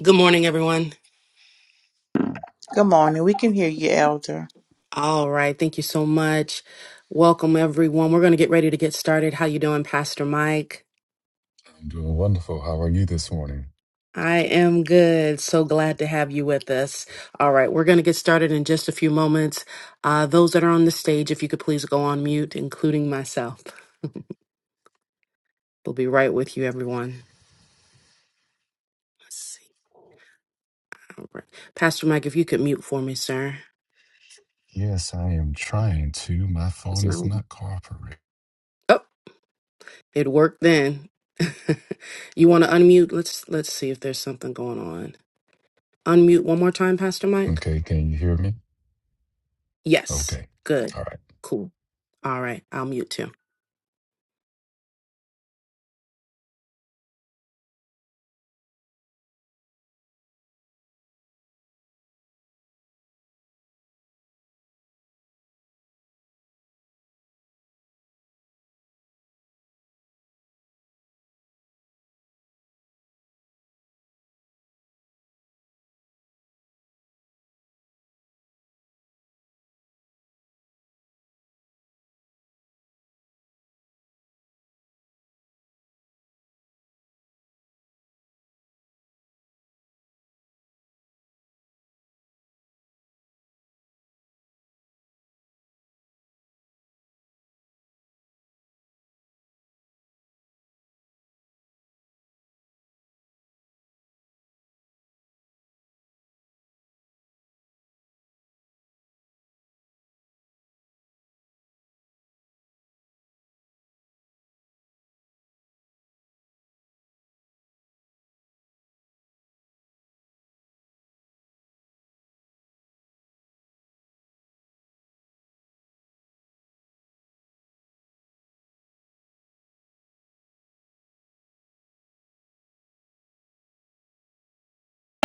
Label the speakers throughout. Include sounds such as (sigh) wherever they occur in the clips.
Speaker 1: Good morning, everyone.
Speaker 2: Good morning. We can hear you, Elder.
Speaker 1: All right, thank you so much. Welcome, everyone. We're going to get ready to get started. How you doing, Pastor Mike?
Speaker 3: I'm doing wonderful. How are you this morning?
Speaker 1: I am good. So glad to have you with us. All right, we're going to get started in just a few moments. Uh, those that are on the stage, if you could please go on mute, including myself. We'll be right with you, everyone. Let's see. All right. Pastor Mike, if you could mute for me, sir.
Speaker 3: Yes, I am trying to. My
Speaker 1: It's
Speaker 3: phone is
Speaker 1: no-
Speaker 3: not cooperating.
Speaker 1: Oh, it worked then. (laughs) you want to unmute? Let's let's see if there's something going on. Unmute one more time, Pastor Mike.
Speaker 3: Okay, can you hear me?
Speaker 1: Yes.
Speaker 3: Okay.
Speaker 1: Good.
Speaker 3: All right.
Speaker 1: Cool. All right. I'll mute too.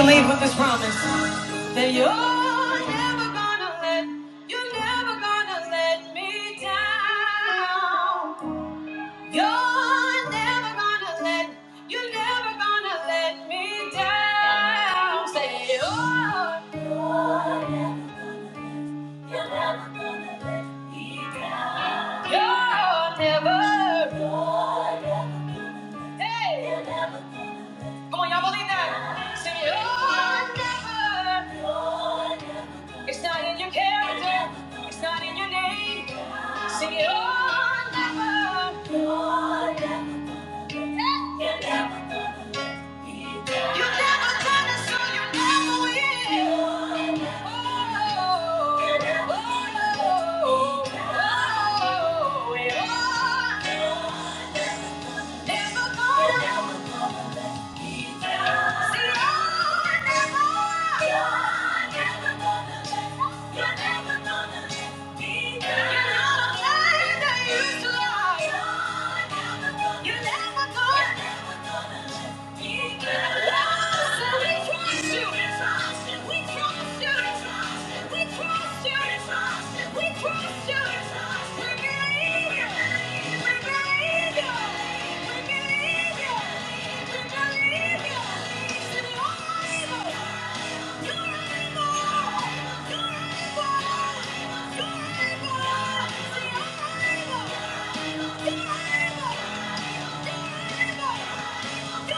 Speaker 2: Leave with this promise that you're never gonna let, you're never gonna let me down. You're never gonna let, you're never gonna let me down. Say you're, you're never. Hey, come on, y'all believe that? Say you're never. It's not in your character. It's not in your name. Sing it all. You're never, you're never, you're never gonna let me down. You never gonna, so you never will. You're never, oh, you're never oh, gonna let me down. oh, oh, oh, oh, oh. You're never, never gonna. You're never gonna You're never gonna you're able. You're able. You're able. Thank you.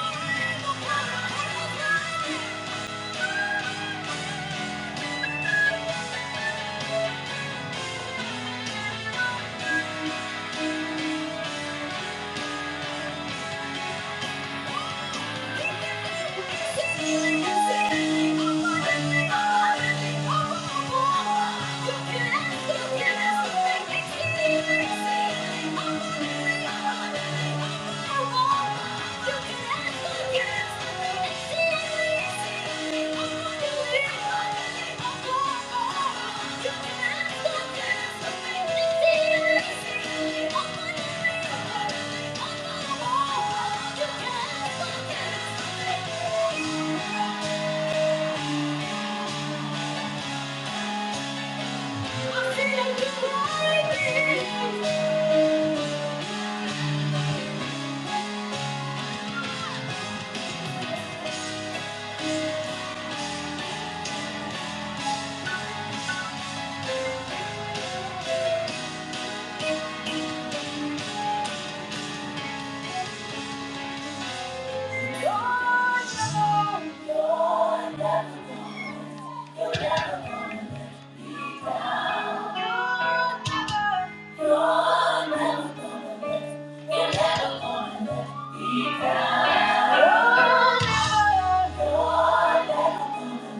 Speaker 2: You'll never, you'll never,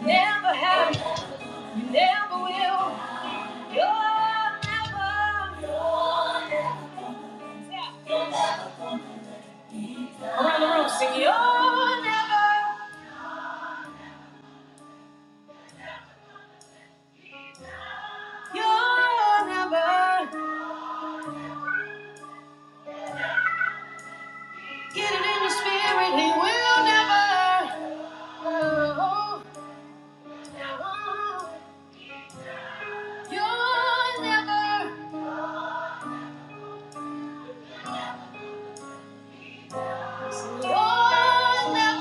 Speaker 2: Never have, you never will. You're never, you're never. Yeah. Around the room, sing. You're never, you're never. Get it in the spirit, he will never. Oh, oh, oh, never, oh, never.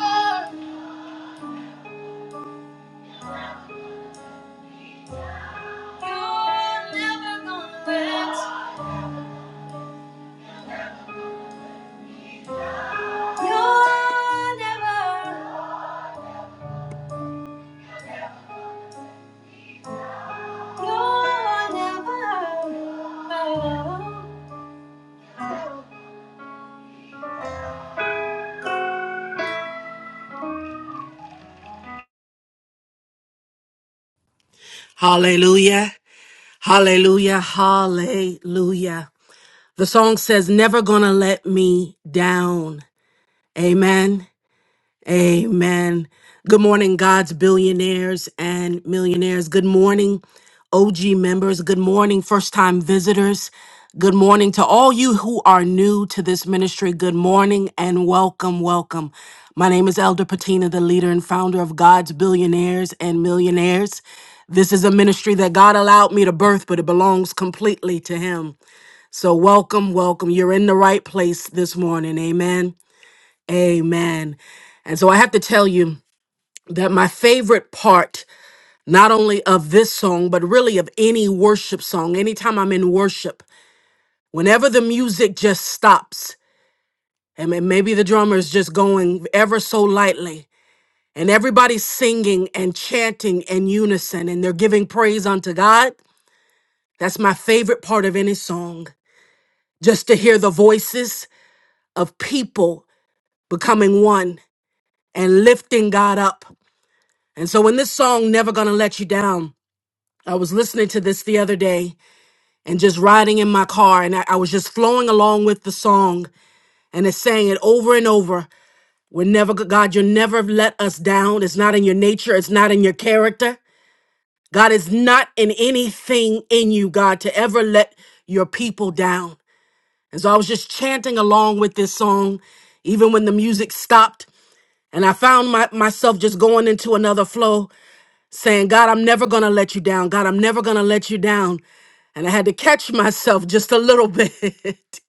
Speaker 2: You're never gonna let. You're never, you're never. Oh.
Speaker 1: Hallelujah. Hallelujah. Hallelujah. The song says, Never gonna let me down. Amen. Amen. Good morning, God's billionaires and millionaires. Good morning, OG members. Good morning, first time visitors. Good morning to all you who are new to this ministry. Good morning and welcome, welcome. My name is Elder Patina, the leader and founder of God's Billionaires and Millionaires. This is a ministry that God allowed me to birth, but it belongs completely to Him. So, welcome, welcome. You're in the right place this morning. Amen. Amen. And so I have to tell you that my favorite part, not only of this song, but really of any worship song, anytime I'm in worship, whenever the music just stops, and may- maybe the drummer is just going ever so lightly, and everybody's singing and chanting in unison, and they're giving praise unto God, that's my favorite part of any song. Just to hear the voices of people becoming one and lifting God up. And so when this song Never Gonna Let You Down, I was listening to this the other day and just riding in my car and I, I was just flowing along with the song and it's saying it over and over. We're never go- God, you'll never let us down. It's not in your nature, it's not in your character. God is not in anything in you, God, to ever let your people down. And so I was just chanting along with this song, even when the music stopped. And I found my, myself just going into another flow. saying, God, I'm never going to let you down. God, I'm never going to let you down. And I had to catch (laughs) myself just a little (laughs) bit,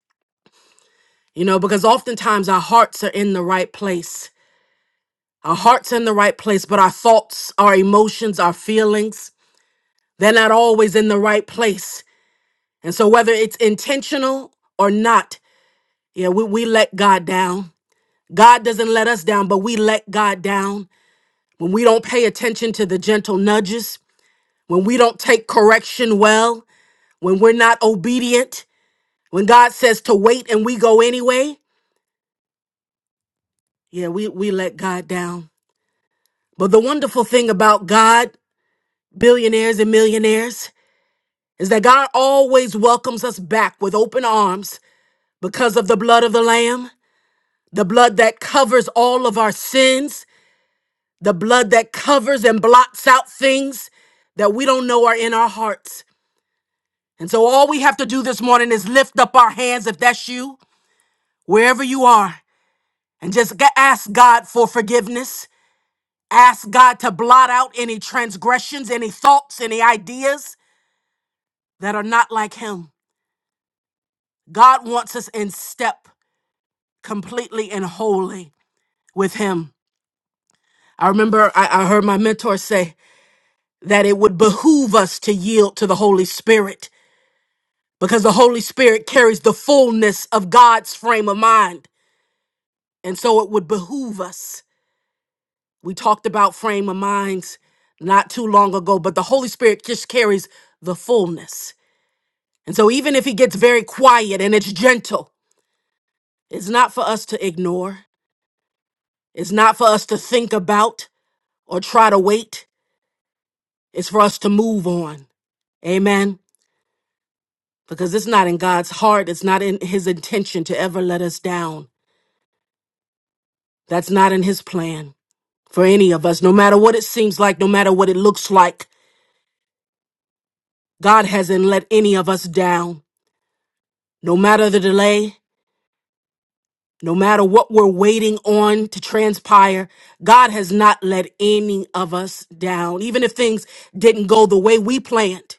Speaker 1: you know, because oftentimes our hearts are in the right place. Our hearts in the right place, but our thoughts, our emotions, our feelings, they're not always in the right place. And so whether it's intentional or not, yeah, we, we let God down. God doesn't let us down, but we let God down. When we don't pay attention to the gentle nudges, when we don't take correction well, when we're not obedient, when God says to wait and we go anyway, yeah, we, we let God down. But the wonderful thing about God, billionaires and millionaires, is that God always welcomes us back with open arms because of the blood of the Lamb, the blood that covers all of our sins, the blood that covers and blots out things that we don't know are in our hearts. And so all we have to do this morning is lift up our hands if that's you, wherever you are. and just g- ask God for forgiveness. Ask God to blot out any transgressions, any thoughts, any ideas that are not like Him. God wants us in step completely and wholly with Him. I remember I, I heard my mentor say that it would behoove us to yield to the Holy Spirit because the Holy Spirit carries the fullness of God's frame of mind. And so it would behoove us We talked about frame of minds not too long ago, but the Holy Spirit just carries the fullness. And so, even if He gets very quiet and it's gentle, it's not for us to ignore, it's not for us to think about or try to wait, it's for us to move on. Amen. Because it's not in God's heart, it's not in His intention to ever let us down. That's not in His plan for any of us, no matter what it seems like, no matter what it looks like. God hasn't let any of us down. No matter the delay, No matter what we're waiting on to transpire, God has not let any of us down. Even if things didn't go the way we planned,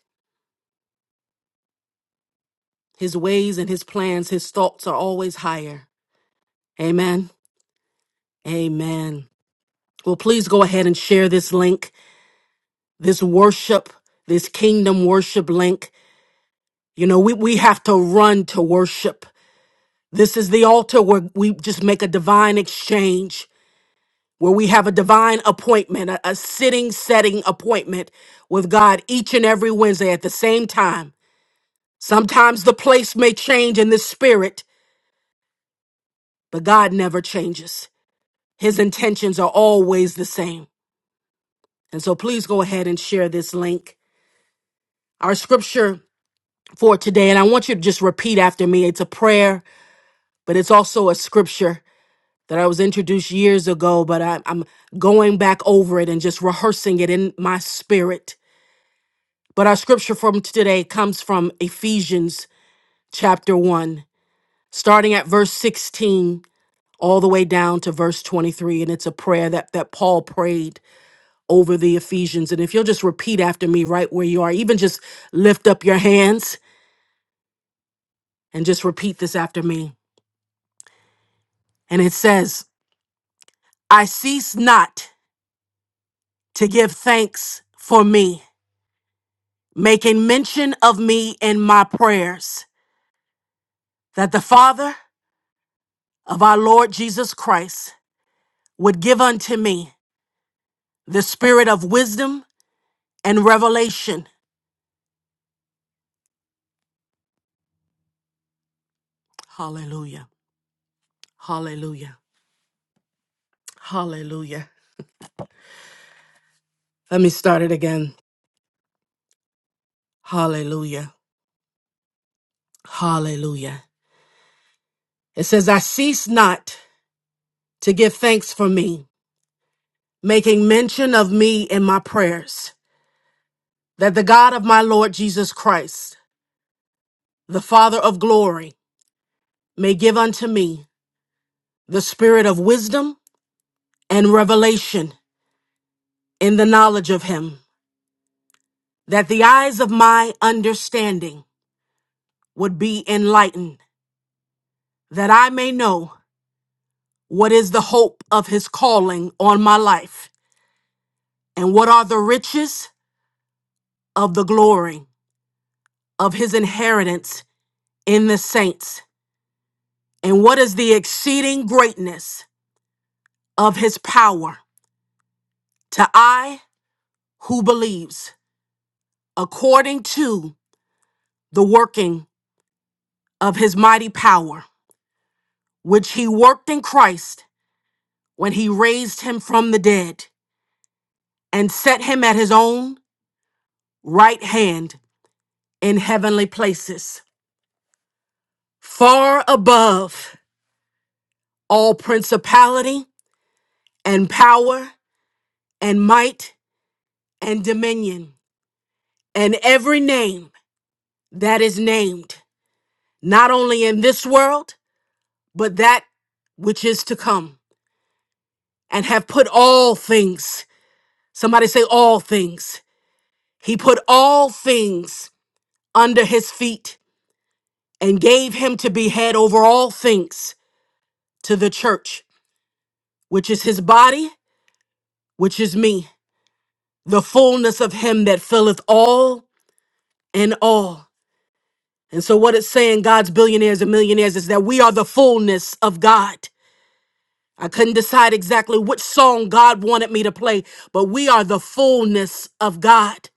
Speaker 1: His ways and His plans, His thoughts are always higher. Amen. Amen. Well, please go ahead and share this link, this worship, this kingdom worship link. You know, we, we have to run to worship. This is the altar where we just make a divine exchange. where we have a divine appointment, a, a sitting, setting appointment with God each and every Wednesday at the same time. Sometimes the place may change in the spirit, but God never changes. His intentions are always the same. And so please go ahead and share this link. Our scripture for today, and I want you to just repeat after me. It's a prayer, but it's also a scripture that I was introduced years ago, but I, I'm going back over it and just rehearsing it in my spirit. But our scripture from today comes from Ephesians chapter 1, starting at verse 16 all the way down to verse 23. And it's a prayer that, that Paul prayed over the Ephesians. And if you'll just repeat after me right where you are, even just lift up your hands and just repeat this after me. And it says, I cease not to give thanks for me, making mention of me in my prayers, that the Father of our Lord Jesus Christ would give unto me the spirit of wisdom and revelation. Hallelujah. Hallelujah. Hallelujah. Let me start it again. Hallelujah. Hallelujah. It says, I cease not to give thanks for me, making mention of me in my prayers, that the God of my Lord Jesus Christ, the Father of glory, may give unto me the spirit of wisdom and revelation in the knowledge of him that the eyes of my understanding would be enlightened, that I may know what is the hope of his calling on my life, and what are the riches of the glory of his inheritance in the saints, and what is the exceeding greatness of his power to I who believes, according to the working of his mighty power, which he worked in Christ when he raised him from the dead and set him at his own right hand in heavenly places, far above all principality and power and might and dominion and every name that is named, not only in this world, but that which is to come, and have put all things, somebody say all things, he put all things under his feet and gave him to be head over all things to the church which is his body, which is me, the fullness of him that filleth all and all. And so, what it's saying, God's billionaires and millionaires, is that we are the fullness of God. I couldn't decide exactly which song God wanted me to play, but we are the fullness of God.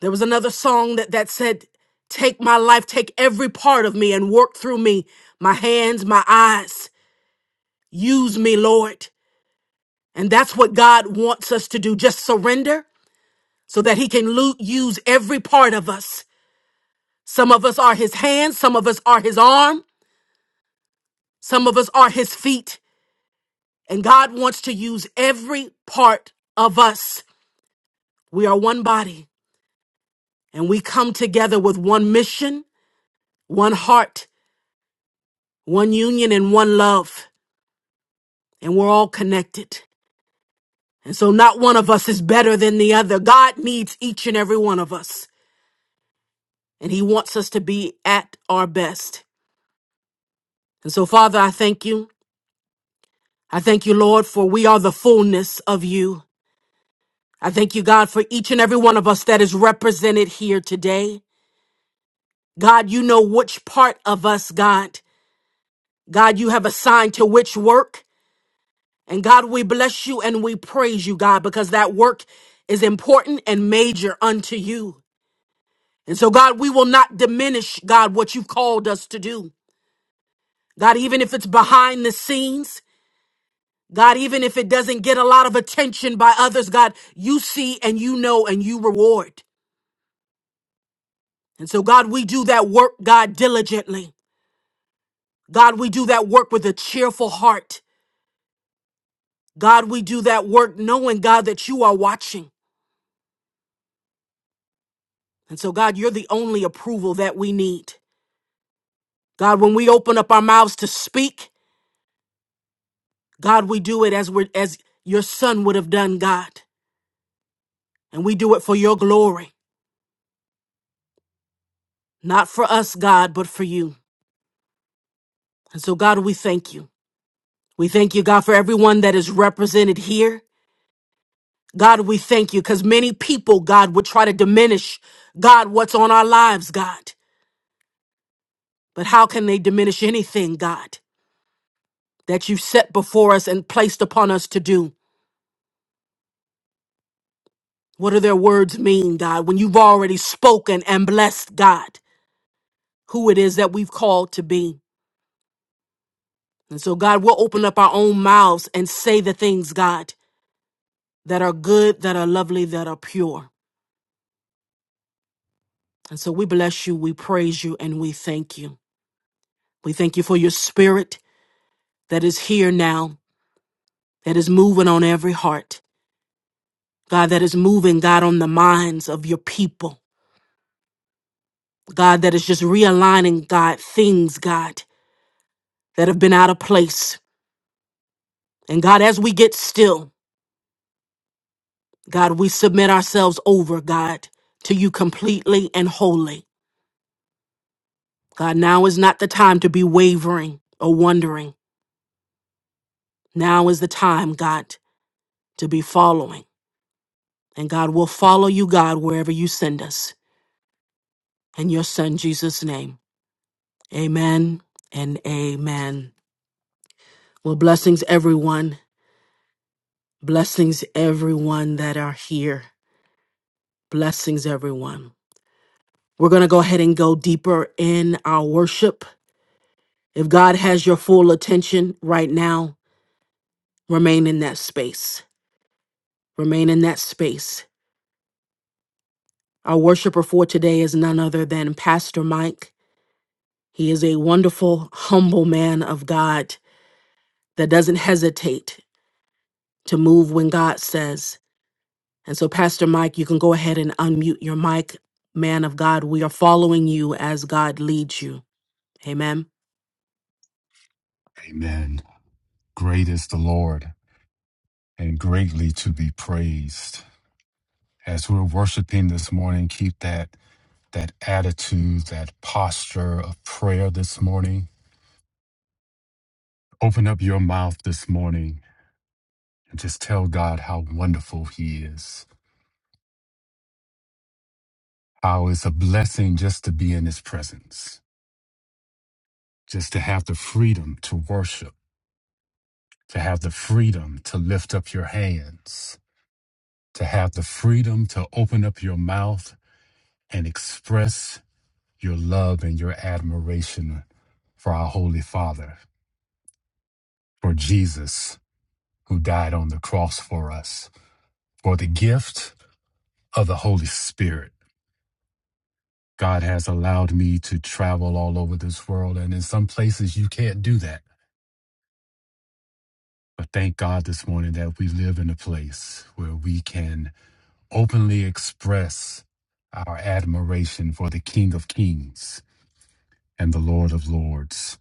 Speaker 1: There was another song that, that said, Take my life, take every part of me and work through me, my hands, my eyes. Use me, Lord. And that's what God wants us to do. Just surrender so that he can lo- use every part of us. Some of us are his hands, some of us are his arm, some of us are his feet. And God wants to use every part of us. We are one body and we come together with one mission, one heart, one union, and one love. And we're all connected. And so not one of us is better than the other. God needs each and every one of us. And he wants us to be at our best. And so, Father, I thank you. I thank you, Lord, for we are the fullness of you. I thank you, God, for each and every one of us that is represented here today. God, you know which part of us, God. God, you have assigned to which work. And God, we bless you and we praise you, God, because that work is important and major unto you. And so, God, we will not diminish, God, what you've called us to do. God, even if it's behind the scenes, God, even if it doesn't get a lot of attention by others, God, you see and you know and you reward. And so, God, we do that work, God, diligently. God, we do that work with a cheerful heart. God, we do that work knowing, God, that you are watching. And so, God, you're the only approval that we need. God, when we open up our mouths to speak, God, we do it as we're, as your son would have done, God. And we do it for your glory, not for us, God, but for you. And so, God, we thank you. We thank you, God, for everyone that is represented here. God, we thank you because many people, God, would try to diminish, God, what's on our lives, God. But how can they diminish anything, God, that you set before us and placed upon us to do? What do their words mean, God, when you've already spoken and blessed, God, who it is that we've called to be? And so, God, we'll open up our own mouths and say the things, God, that are good, that are lovely, that are pure. And so we bless you, we praise you, and we thank you. We thank you for your spirit that is here now, that is moving on every heart. God, that is moving, God, on the minds of your people. God, that is just realigning, God, things, God, that have been out of place. And God, as we get still, God, we submit ourselves over, God, to you completely and wholly. God, now is not the time to be wavering or wondering. Now is the time, God, to be following. And God we will follow you, God, wherever you send us. In your son Jesus' name. Amen and amen. Well, blessings, everyone. Blessings, everyone that are here. Blessings, everyone. We're going to go ahead and go deeper in our worship. If God has your full attention right now, remain in that space. Remain in that space. Our worshiper for today is none other than Pastor Mike. He is a wonderful, humble man of God that doesn't hesitate to move when God says. And so, Pastor Mike, you can go ahead and unmute your mic. Man of God, we are following you as God leads you. Amen.
Speaker 3: Amen. Great is the Lord and greatly to be praised. As we're worshiping this morning, keep that that attitude, that posture of prayer this morning. Open up your mouth this morning and just tell God how wonderful he is. How it's a blessing just to be in his presence just to have the freedom to worship, to have the freedom to lift up your hands, to have the freedom to open up your mouth and express your love and your admiration for our Holy Father, for Jesus who died on the cross for us, for the gift of the Holy Spirit. God has allowed me to travel all over this world, and in some places you can't do that. But thank God this morning that we live in a place where we can openly express our admiration for the King of Kings and the Lord of Lords.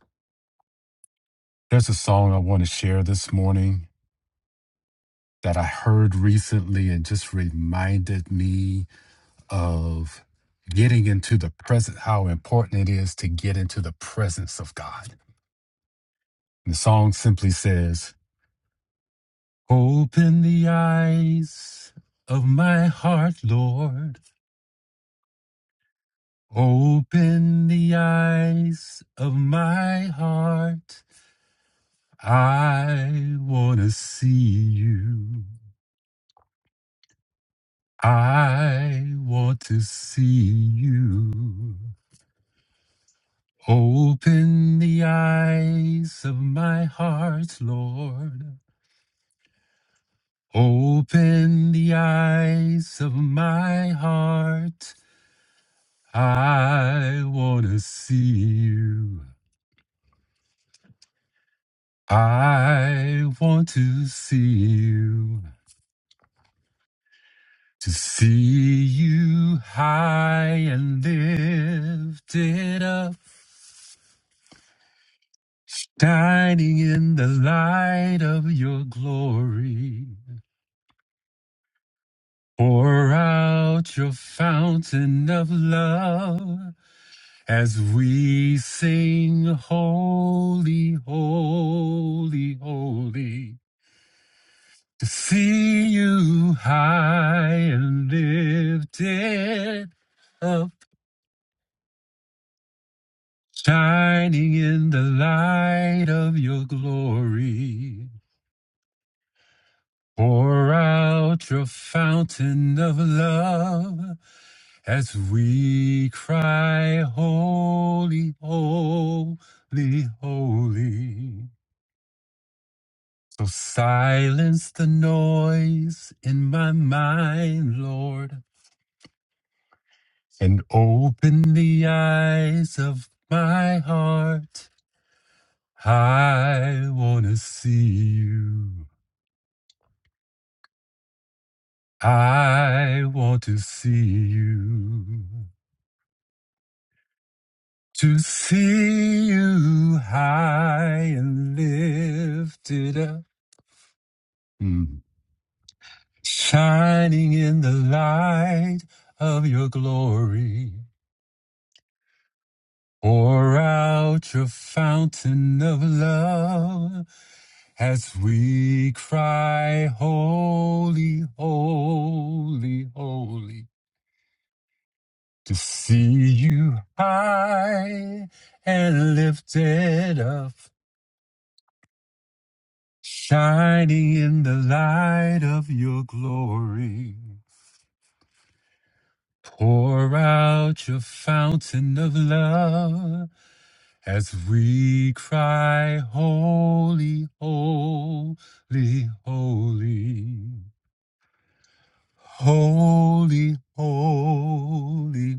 Speaker 3: There's a song I want to share this morning that I heard recently and just reminded me of getting into the present, how important it is to get into the presence of God. And the song simply says, Open the eyes of my heart, Lord. Open the eyes of my heart I want to see you. I want to see you. Open the eyes of my heart, Lord. Open the eyes of my heart. I want to see you. I want to see you. To see you high and lifted up, shining in the light of your glory. Pour out your fountain of love as we sing, Holy, Holy, Holy. To see you high and lifted up shining in the light of your glory. Pour out your fountain of love as we cry, Holy, Holy, Holy. So silence the noise in my mind, Lord, and open the eyes of my heart. I want to see you. I want to see you, to see you high and lifted up, Mm. shining in the light of your glory. Pour out your fountain of love as we cry, Holy, Holy, Holy. to see you high and lifted up, shining in the light of your glory. Pour out your fountain of love as we cry, Holy, Holy, Holy. Holy, holy,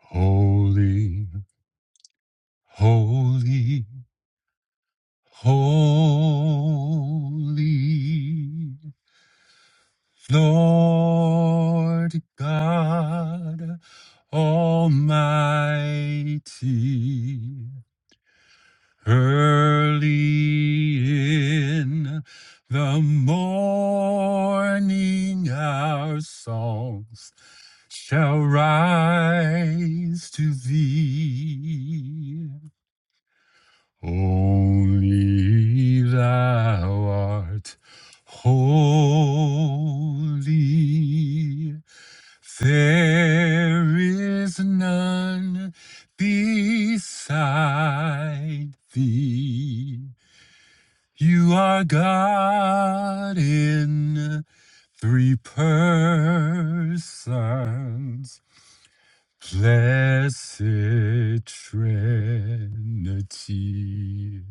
Speaker 3: holy, holy, holy. Holy Lord God Almighty, early in the morning our songs shall rise to thee. Only thou art holy. There is none beside thee. You are God in three persons, blessed Trinity.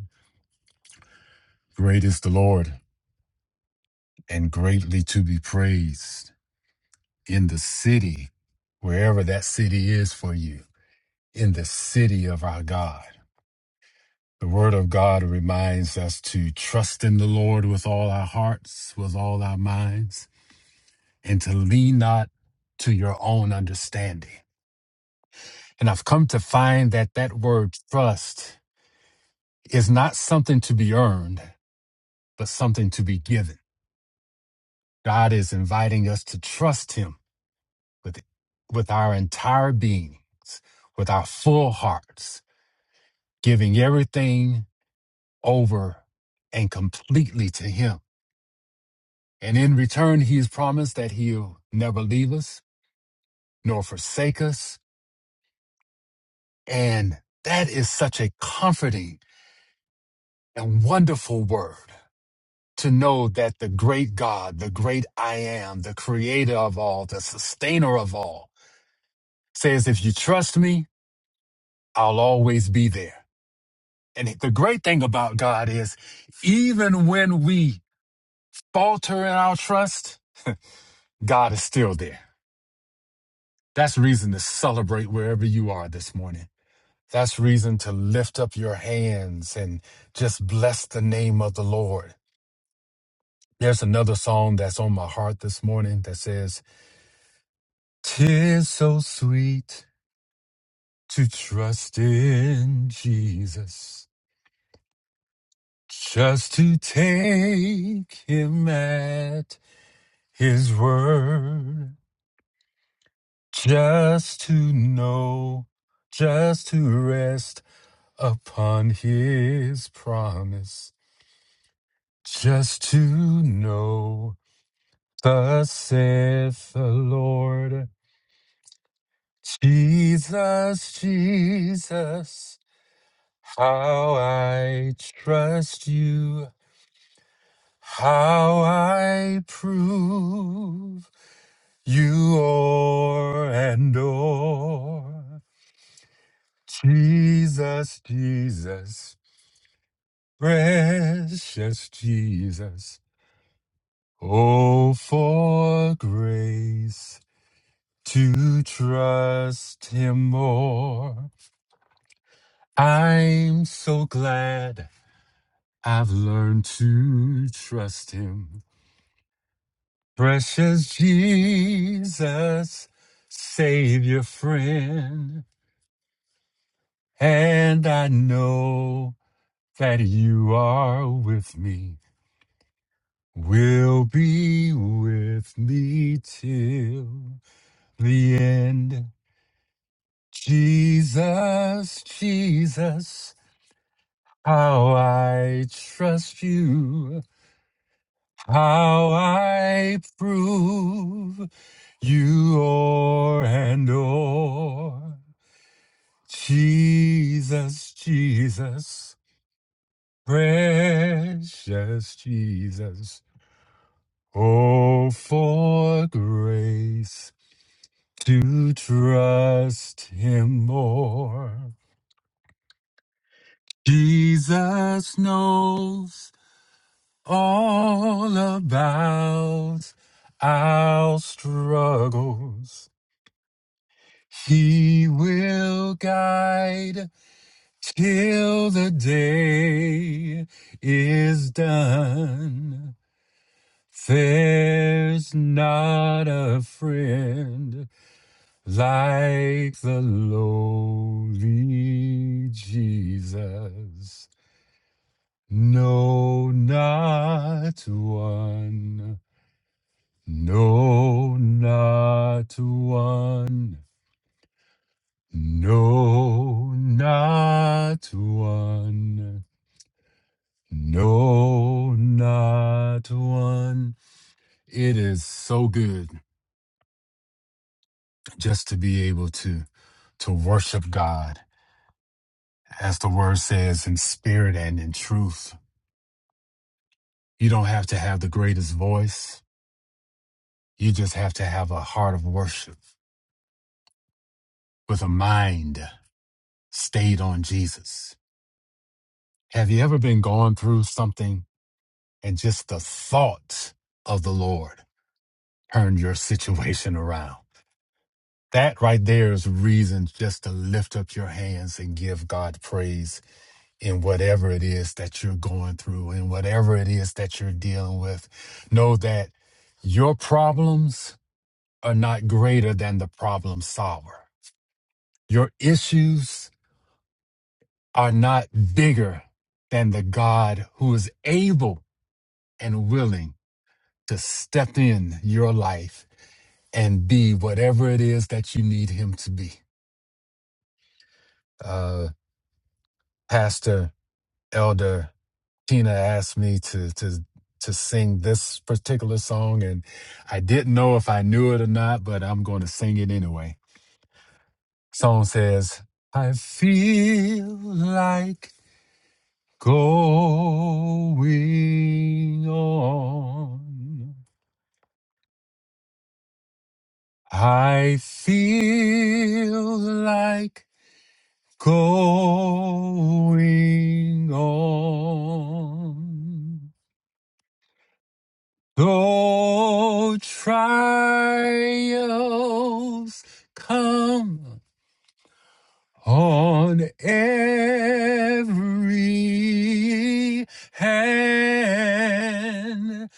Speaker 3: Great is the Lord and greatly to be praised in the city, wherever that city is for you, in the city of our God. The Word of God reminds us to trust in the Lord with all our hearts, with all our minds, and to lean not to your own understanding. And I've come to find that that word trust is not something to be earned, but something to be given. God is inviting us to trust Him with with our entire beings, with our full hearts, giving everything over and completely to him. And in return, he has promised that he'll never leave us nor forsake us. And that is such a comforting and wonderful word to know that the great God, the great I am, the creator of all, the sustainer of all says, if you trust me, I'll always be there. And the great thing about God is, even when we falter in our trust, God is still there. That's reason to celebrate wherever you are this morning. That's reason to lift up your hands and just bless the name of the Lord. There's another song that's on my heart this morning that says, Tis so sweet to trust in Jesus, just to take him at his word. just to know, just to rest upon his promise, just to know, thus saith the Lord, Jesus, Jesus, how I trust you, how I prove you o'er and o'er. Jesus, Jesus. Precious Jesus, oh, for grace to trust Him more. I'm so glad I've learned to trust Him. Precious Jesus, Savior, friend, and I know that you are with me, will be with me till. the end. Jesus, Jesus, how I trust you, how I prove you o'er and o'er. Jesus, Jesus, precious Jesus, oh, for grace to trust him more. Jesus knows all about our struggles. He will guide till the day is done. There's not a friend like the lowly Jesus. No, not one. No, not one. No, not one. No, not one. It is so good just to be able to to worship God, as the word says, in spirit and in truth. You don't have to have the greatest voice. You just have to have a heart of worship with a mind. stayed on Jesus. Have you ever been going through something and just the thought of the Lord turned your situation around? That right there is reason just to lift up your hands and give God praise in whatever it is that you're going through and whatever it is that you're dealing with. Know that your problems are not greater than the problem solver. Your issues are not bigger than the God who is able and willing to step in your life and be whatever it is that you need him to be. Uh, Pastor Elder Tina asked me to to to sing this particular song, and I didn't know if I knew it or not, but I'm going to sing it anyway. Song says, "I feel like going on. I feel like." going on. Though trials come on every hand,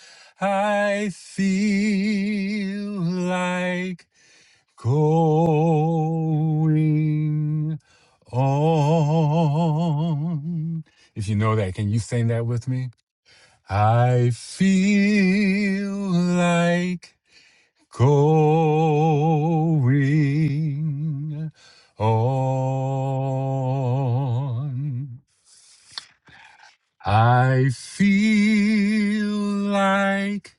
Speaker 3: I feel like going on. If you know that, can you sing that with me? I feel like going on. I feel like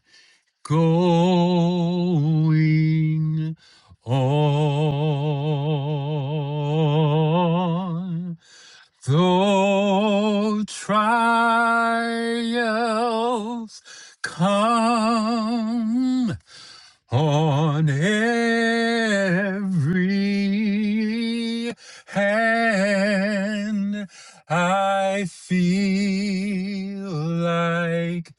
Speaker 3: going on. Though trials come on every hand, I feel like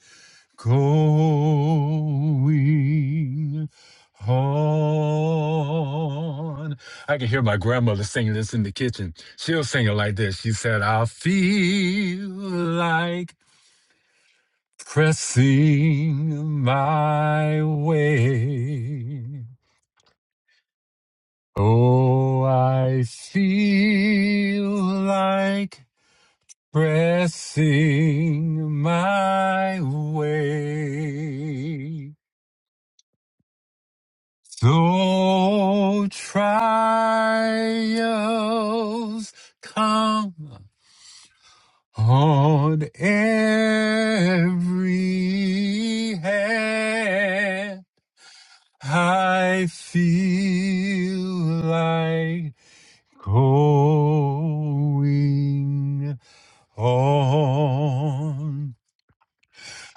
Speaker 3: going on. I can hear my grandmother singing this in the kitchen. She'll sing it like this. She said, I feel like pressing my way. Oh, I feel like pressing my way. Though trials come on every hand, I feel like going on.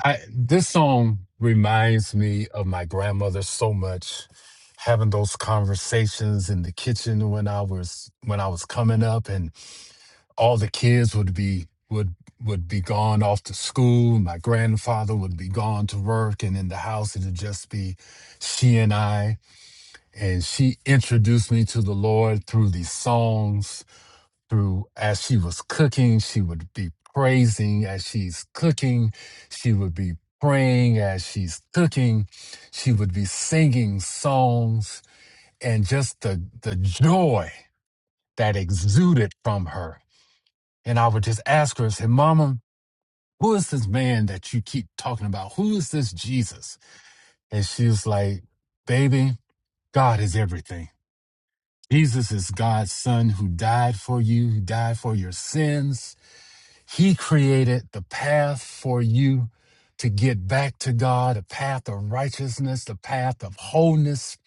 Speaker 3: I this song reminds me of my grandmother so much having those conversations in the kitchen when I was when I was coming up and all the kids would be would would be gone off to school my grandfather would be gone to work and in the house it would just be she and I and she introduced me to the Lord through these songs through as she was cooking she would be praising as she's cooking she would be praying as she's cooking she would be singing songs and just the the joy that exuded from her and i would just ask her I said mama who is this man that you keep talking about who is this jesus and she was like baby god is everything jesus is god's son who died for you who died for your sins He created the path for you to get back to God, a path of righteousness, the path of wholeness.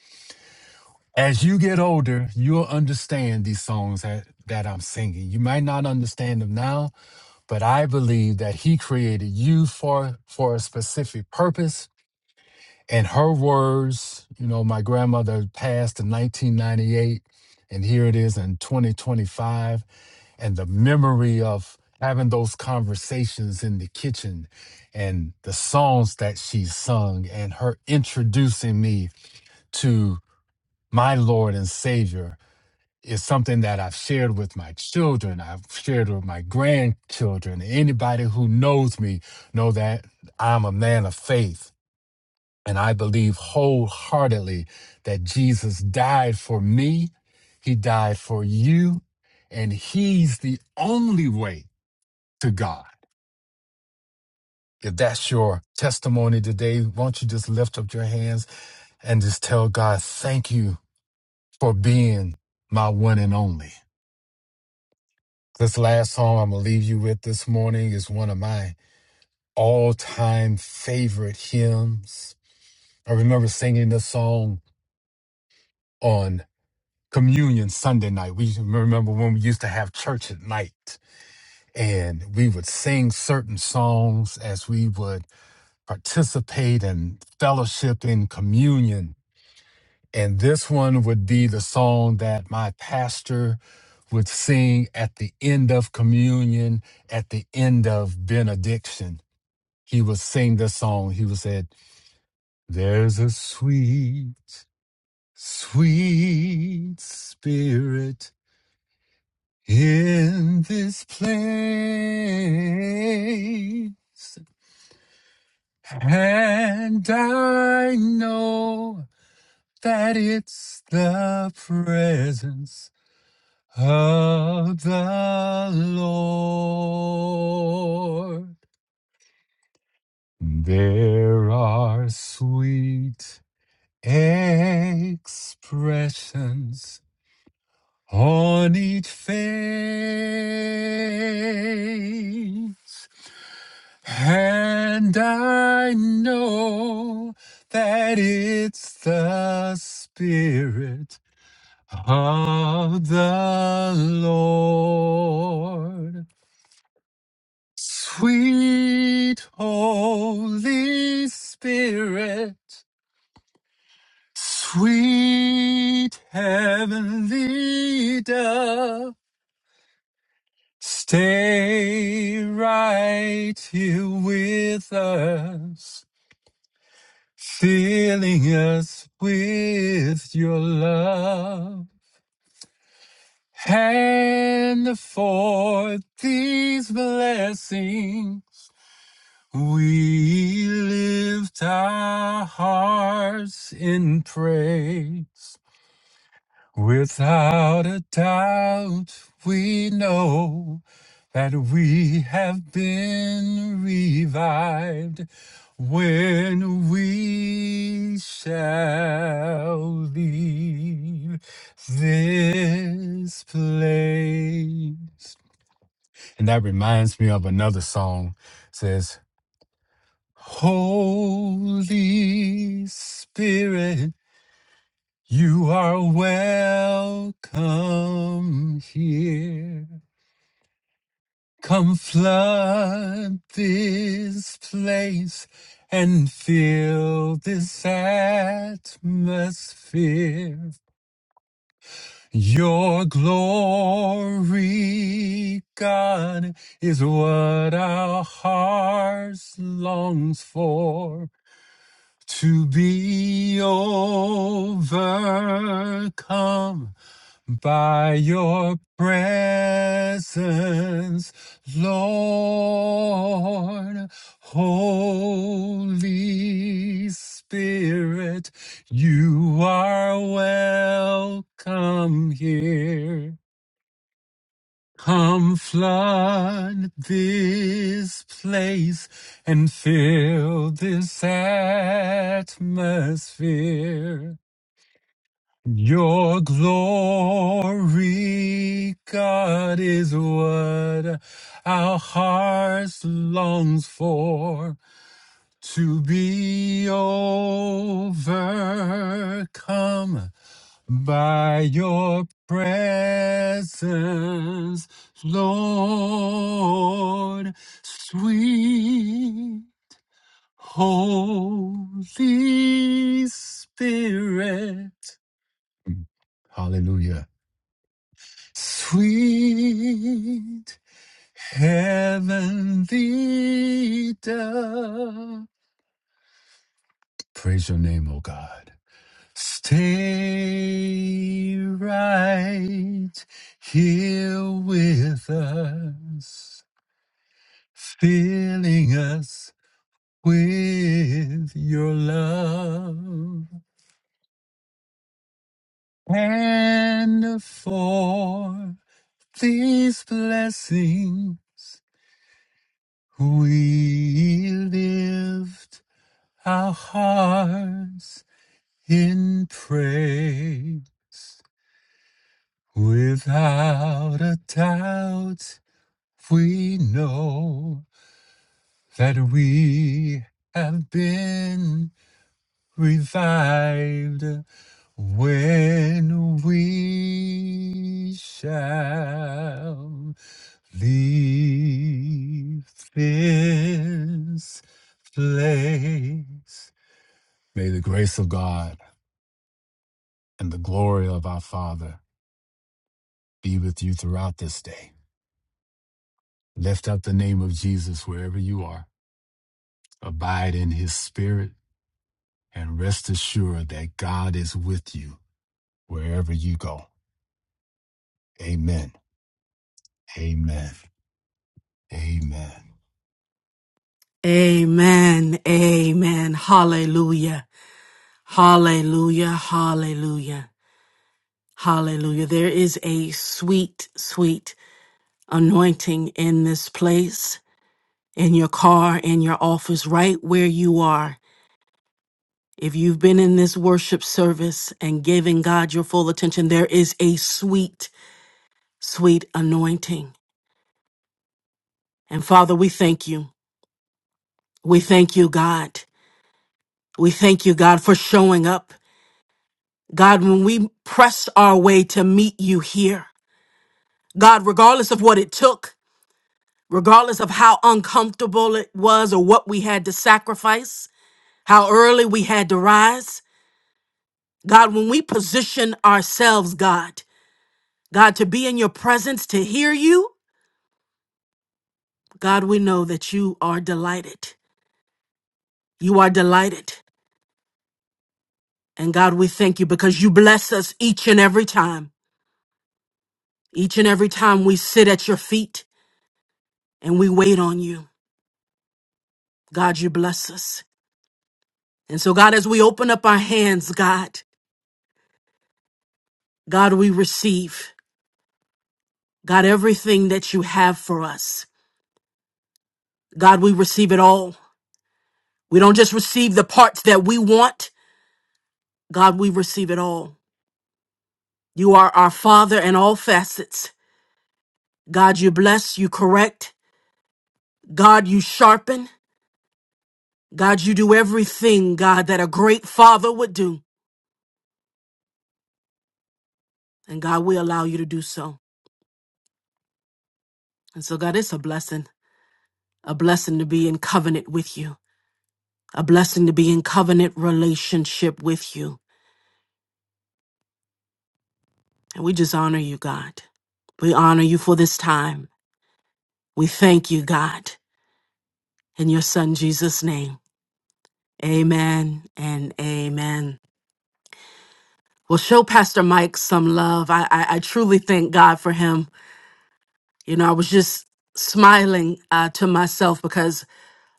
Speaker 3: As you get older, you'll understand these songs that, that I'm singing. You might not understand them now, but I believe that He created you for, for a specific purpose in her words, you know, my grandmother passed in 1998, and here it is in 2025. And the memory of having those conversations in the kitchen and the songs that she sung and her introducing me to my Lord and Savior is something that I've shared with my children. I've shared with my grandchildren. Anybody who knows me know that I'm a man of faith and I believe wholeheartedly that Jesus died for me, He died for you, and He's the only way to God. If that's your testimony today, won't you just lift up your hands and just tell God, thank you for being my one and only. This last song I'm going to leave you with this morning is one of my all time favorite hymns. I remember singing this song on communion Sunday night. We remember when we used to have church at night and we would sing certain songs as we would participate in fellowship in communion. And this one would be the song that my pastor would sing at the end of communion, at the end of benediction. He would sing this song. He would say, There's a sweet, sweet spirit In this place, and I know that it's the presence of the Lord. There are sweet expressions on each face. And I know that it's the Spirit of the Lord. Sweet Holy Spirit, sweet Heavenly dove, stay right here with us. filling us with your love. And for these blessings, we lift our hearts in praise. Without a doubt, we know that we have been revived when we shall leave this place. And that reminds me of another song says, Holy Spirit. You are welcome here. Come flood this place and fill this atmosphere. Your glory, God, is what our hearts longs for. To be overcome By your presence, Lord, Holy Spirit, you are welcome here. Come flood this place and fill this atmosphere. Your glory, God, is what our hearts longs for to be overcome by your presence, Lord, sweet Holy Spirit. Mm. Hallelujah. Sweet heavenly dove, praise your name, O God. Stay right here with us, filling us with your love. And for these blessings, We lift our hearts in praise. Without a doubt, we know that we have been. revived when we shall leave this place. May the grace of God and the glory of our Father be with you throughout this day. Lift up the name of Jesus wherever you are. Abide in his spirit and rest assured that God is with you wherever you go. Amen. Amen. Amen.
Speaker 1: Amen. Amen. Hallelujah. Hallelujah. Hallelujah. Hallelujah. There is a sweet, sweet anointing in this place, in your car, in your office, right where you are. If you've been in this worship service and giving God your full attention, there is a sweet, sweet anointing. And Father, we thank you. We thank you, God. We thank you, God, for showing up. God, when we pressed our way to meet you here, God, regardless of what it took, regardless of how uncomfortable it was or what we had to sacrifice, how early we had to rise, God, when we position ourselves, God, God, to be in your presence, to hear you, God, we know that you are delighted. You are delighted. And God, we thank you because you bless us each and every time. Each and every time we sit at your feet and we wait on you, God, you bless us. And so, God, as we open up our hands, God, God, we receive, God, everything that you have for us. God, we receive it all. We don't just receive the parts that we want, God, we receive it all. You are our Father in all facets. God, you bless, you correct. God, you sharpen. God, you do everything, God, that a great Father would do. And God, we allow you to do so. And so, God, it's a blessing, a blessing to be in covenant with you, a blessing to be in covenant relationship with you. And we just honor you, God. We honor you for this time. We thank you, God, in your son Jesus' name. Amen and amen. Well, show Pastor Mike some love. I, I, I truly thank God for him. You know, I was just smiling uh, to myself because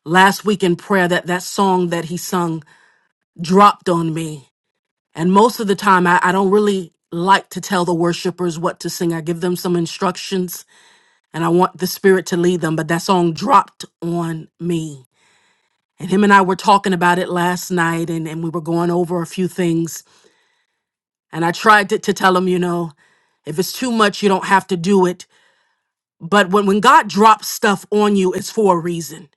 Speaker 1: last week in prayer, that, that song that he sung dropped on me. And most of the time, I, I don't really like to tell the worshipers what to sing. I give them some instructions and I want the Spirit to lead them, but that song dropped on me. And him and I were talking about it last night and, and we were going over a few things. And I tried to, to tell him, you know, if it's too much, you don't have to do it. But when, when God drops stuff on you, it's for a reason.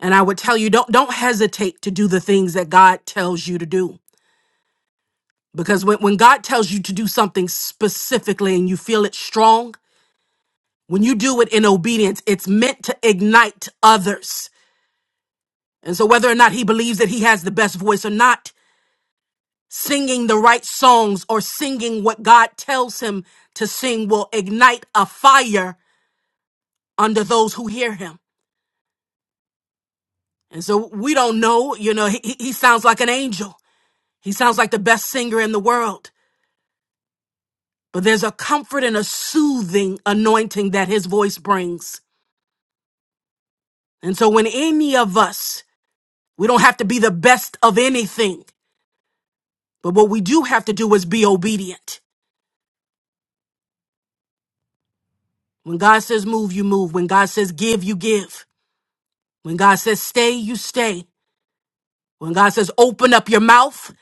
Speaker 1: And I would tell you, don't don't hesitate to do the things that God tells you to do Because when, when God tells you to do something specifically and you feel it strong, when you do it in obedience, it's meant to ignite others. And so, whether or not he believes that he has the best voice or not, singing the right songs or singing what God tells him to sing will ignite a fire under those who hear him. And so, we don't know, you know, he, he he sounds like an angel. He sounds like the best singer in the world. But there's a comfort and a soothing anointing that his voice brings And so when any of us, we don't have to be the best of anything, but what we do have to do is be obedient. When God says move, you move. When God says give, you give. When God says stay, you stay. When God says open up your mouth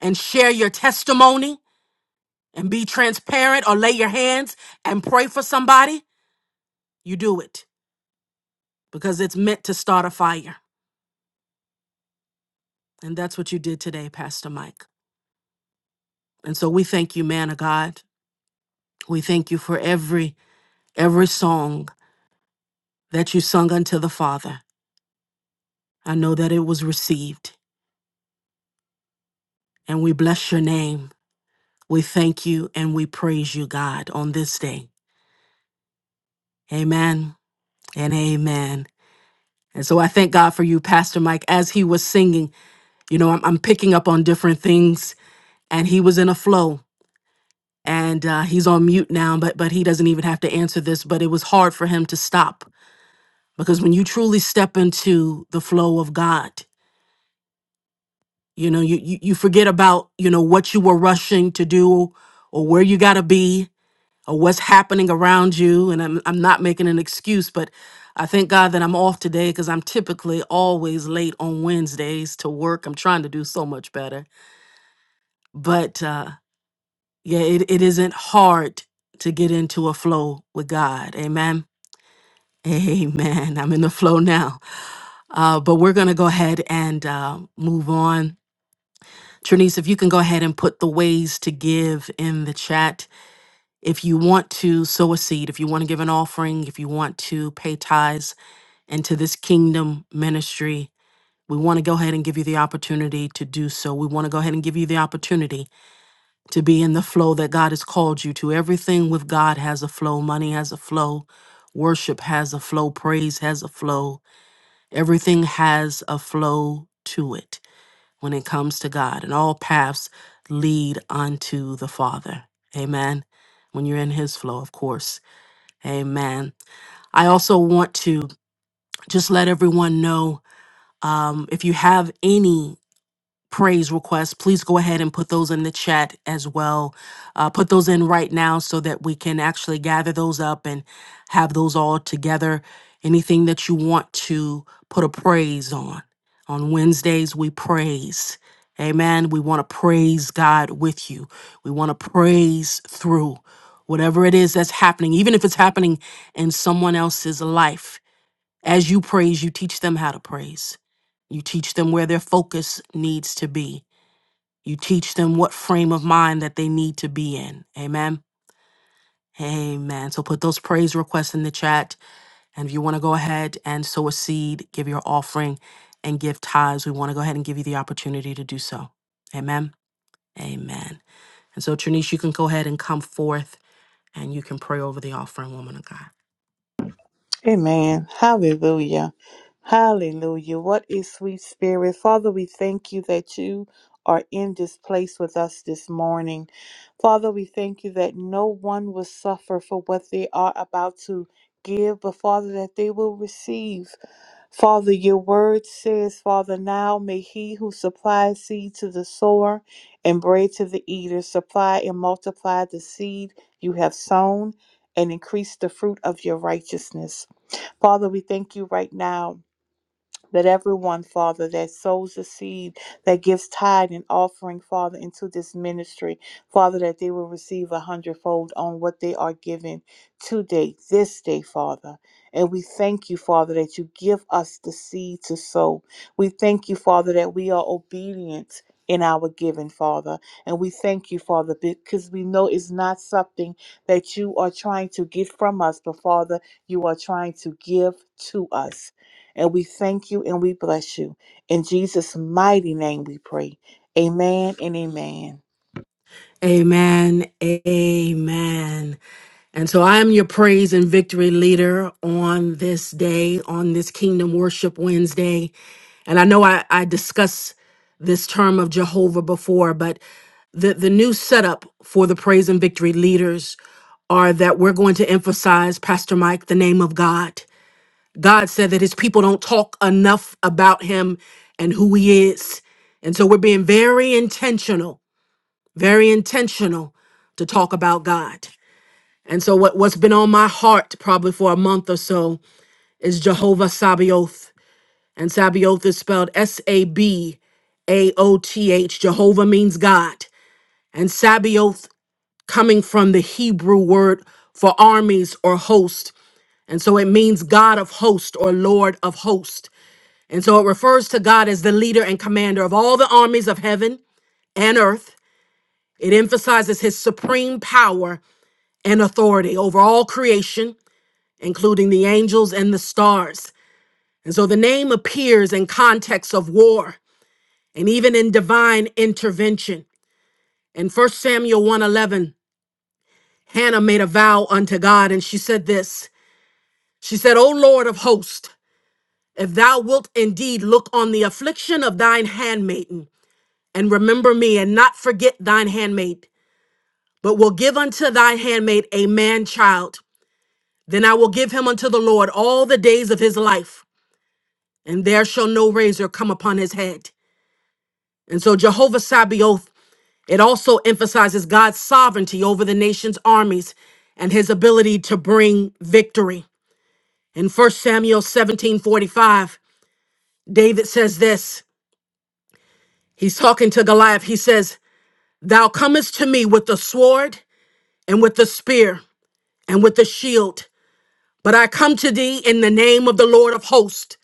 Speaker 1: and share your testimony and be transparent or lay your hands and pray for somebody, you do it because it's meant to start a fire. And that's what you did today, Pastor Mike. And so we thank you, man of God. We thank you for every every song. that you sung unto the Father. I know that it was received, and we bless your name. We thank you and we praise you, God, on this day. Amen and amen. And so I thank God for you, Pastor Mike. As he was singing, you know, I'm, I'm picking up on different things, and he was in a flow, and uh, he's on mute now, but but he doesn't even have to answer this. But it was hard for him to stop because when you truly step into the flow of God, you know you, you you forget about you know what you were rushing to do or where you got to be or what's happening around you and I'm, I'm not making an excuse but i thank god that i'm off today because i'm typically always late on wednesdays to work i'm trying to do so much better but uh yeah it, it isn't hard to get into a flow with god amen (laughs) amen i'm in the flow now uh but we're gonna go ahead and uh move on Trinice, if you can go ahead and put the ways to give in the chat. If you want to sow a seed, if you want to give an offering, if you want to pay tithes into this kingdom ministry, we want to go ahead and give you the opportunity to do so. We want to go ahead and give you the opportunity to be in the flow that God has called you to. Everything with God has a flow, money has a flow, worship has a flow, praise has a flow. Everything has a flow to it when it comes to God, and all paths lead unto the Father. Amen. When you're in His flow, of course. Amen. I also want to just let everyone know um, if you have any praise requests, please go ahead and put those in the chat as well. Uh, put those in right now so that we can actually gather those up and have those all together. Anything that you want to put a praise on. On Wednesdays, we praise. Amen. We want to praise God with you. We want to praise through whatever it is that's happening, even if it's happening in someone else's life as you praise, you teach them how to praise. You teach them where their focus needs to be. You teach them what frame of mind that they need to be in. Amen. Amen. So put those praise requests in the chat. And if you want to go ahead and sow a seed, give your offering, and give tithes, we want to go ahead and give you the opportunity to do so. Amen. Amen. And so, Trinice, you can go ahead and come forth and you can pray over the offering, woman of God.
Speaker 2: Amen. Hallelujah. Hallelujah. What is sweet spirit? Father, we thank you that you are in this place with us this morning. Father, we thank you that no one will suffer for what they are about to give, but Father, that they will receive. Father, your word says, Father, now may he who supplies seed to the sower and bread to the eater supply and multiply the seed you have sown and increase the fruit of your righteousness. Father, we thank you right now let everyone, Father, that sows the seed, that gives tithe and offering, Father, into this ministry, Father, that they will receive a hundredfold on what they are given today, this day, Father. And we thank you, Father, that you give us the seed to sow. We thank you, Father, that we are obedient in our giving, Father. And we thank you, Father, because we know it's not something that you are trying to get from us, but Father, you are trying to give to us. And we thank you and we bless you. In Jesus' mighty name we pray. Amen and amen.
Speaker 1: Amen. Amen. And so I am your praise and victory leader on this day, on this Kingdom Worship Wednesday. And I know I, I discussed this term of Jehovah before, but the, the new setup for the praise and victory leaders are that we're going to emphasize, Pastor Mike, the name of God. God said that his people don't talk enough about him and who he is. And so we're being very intentional, very intentional to talk about God. And so what, what's been on my heart probably for a month or so is Jehovah Sabaoth. And Sabaoth is spelled S-A-B-A-O-T-H. Jehovah means God. And Sabaoth coming from the Hebrew word for armies or host. And so it means God of host or Lord of host. And so it refers to God as the leader and commander of all the armies of heaven and earth. It emphasizes his supreme power and authority over all creation including the angels and the stars. And so the name appears in context of war and even in divine intervention. In 1 Samuel 1:11, Hannah made a vow unto God and she said this. She said, "O Lord of hosts, if thou wilt indeed look on the affliction of thine handmaiden and remember me and not forget thine handmaid, but will give unto thy handmaid a man child, then I will give him unto the Lord all the days of his life, and there shall no razor come upon his head. And so Jehovah Sabaoth, it also emphasizes God's sovereignty over the nation's armies and his ability to bring victory. In First Samuel 17:45, David says this. He's talking to Goliath. He says, "Thou comest to me with the sword and with the spear and with the shield, but I come to thee in the name of the Lord of hosts,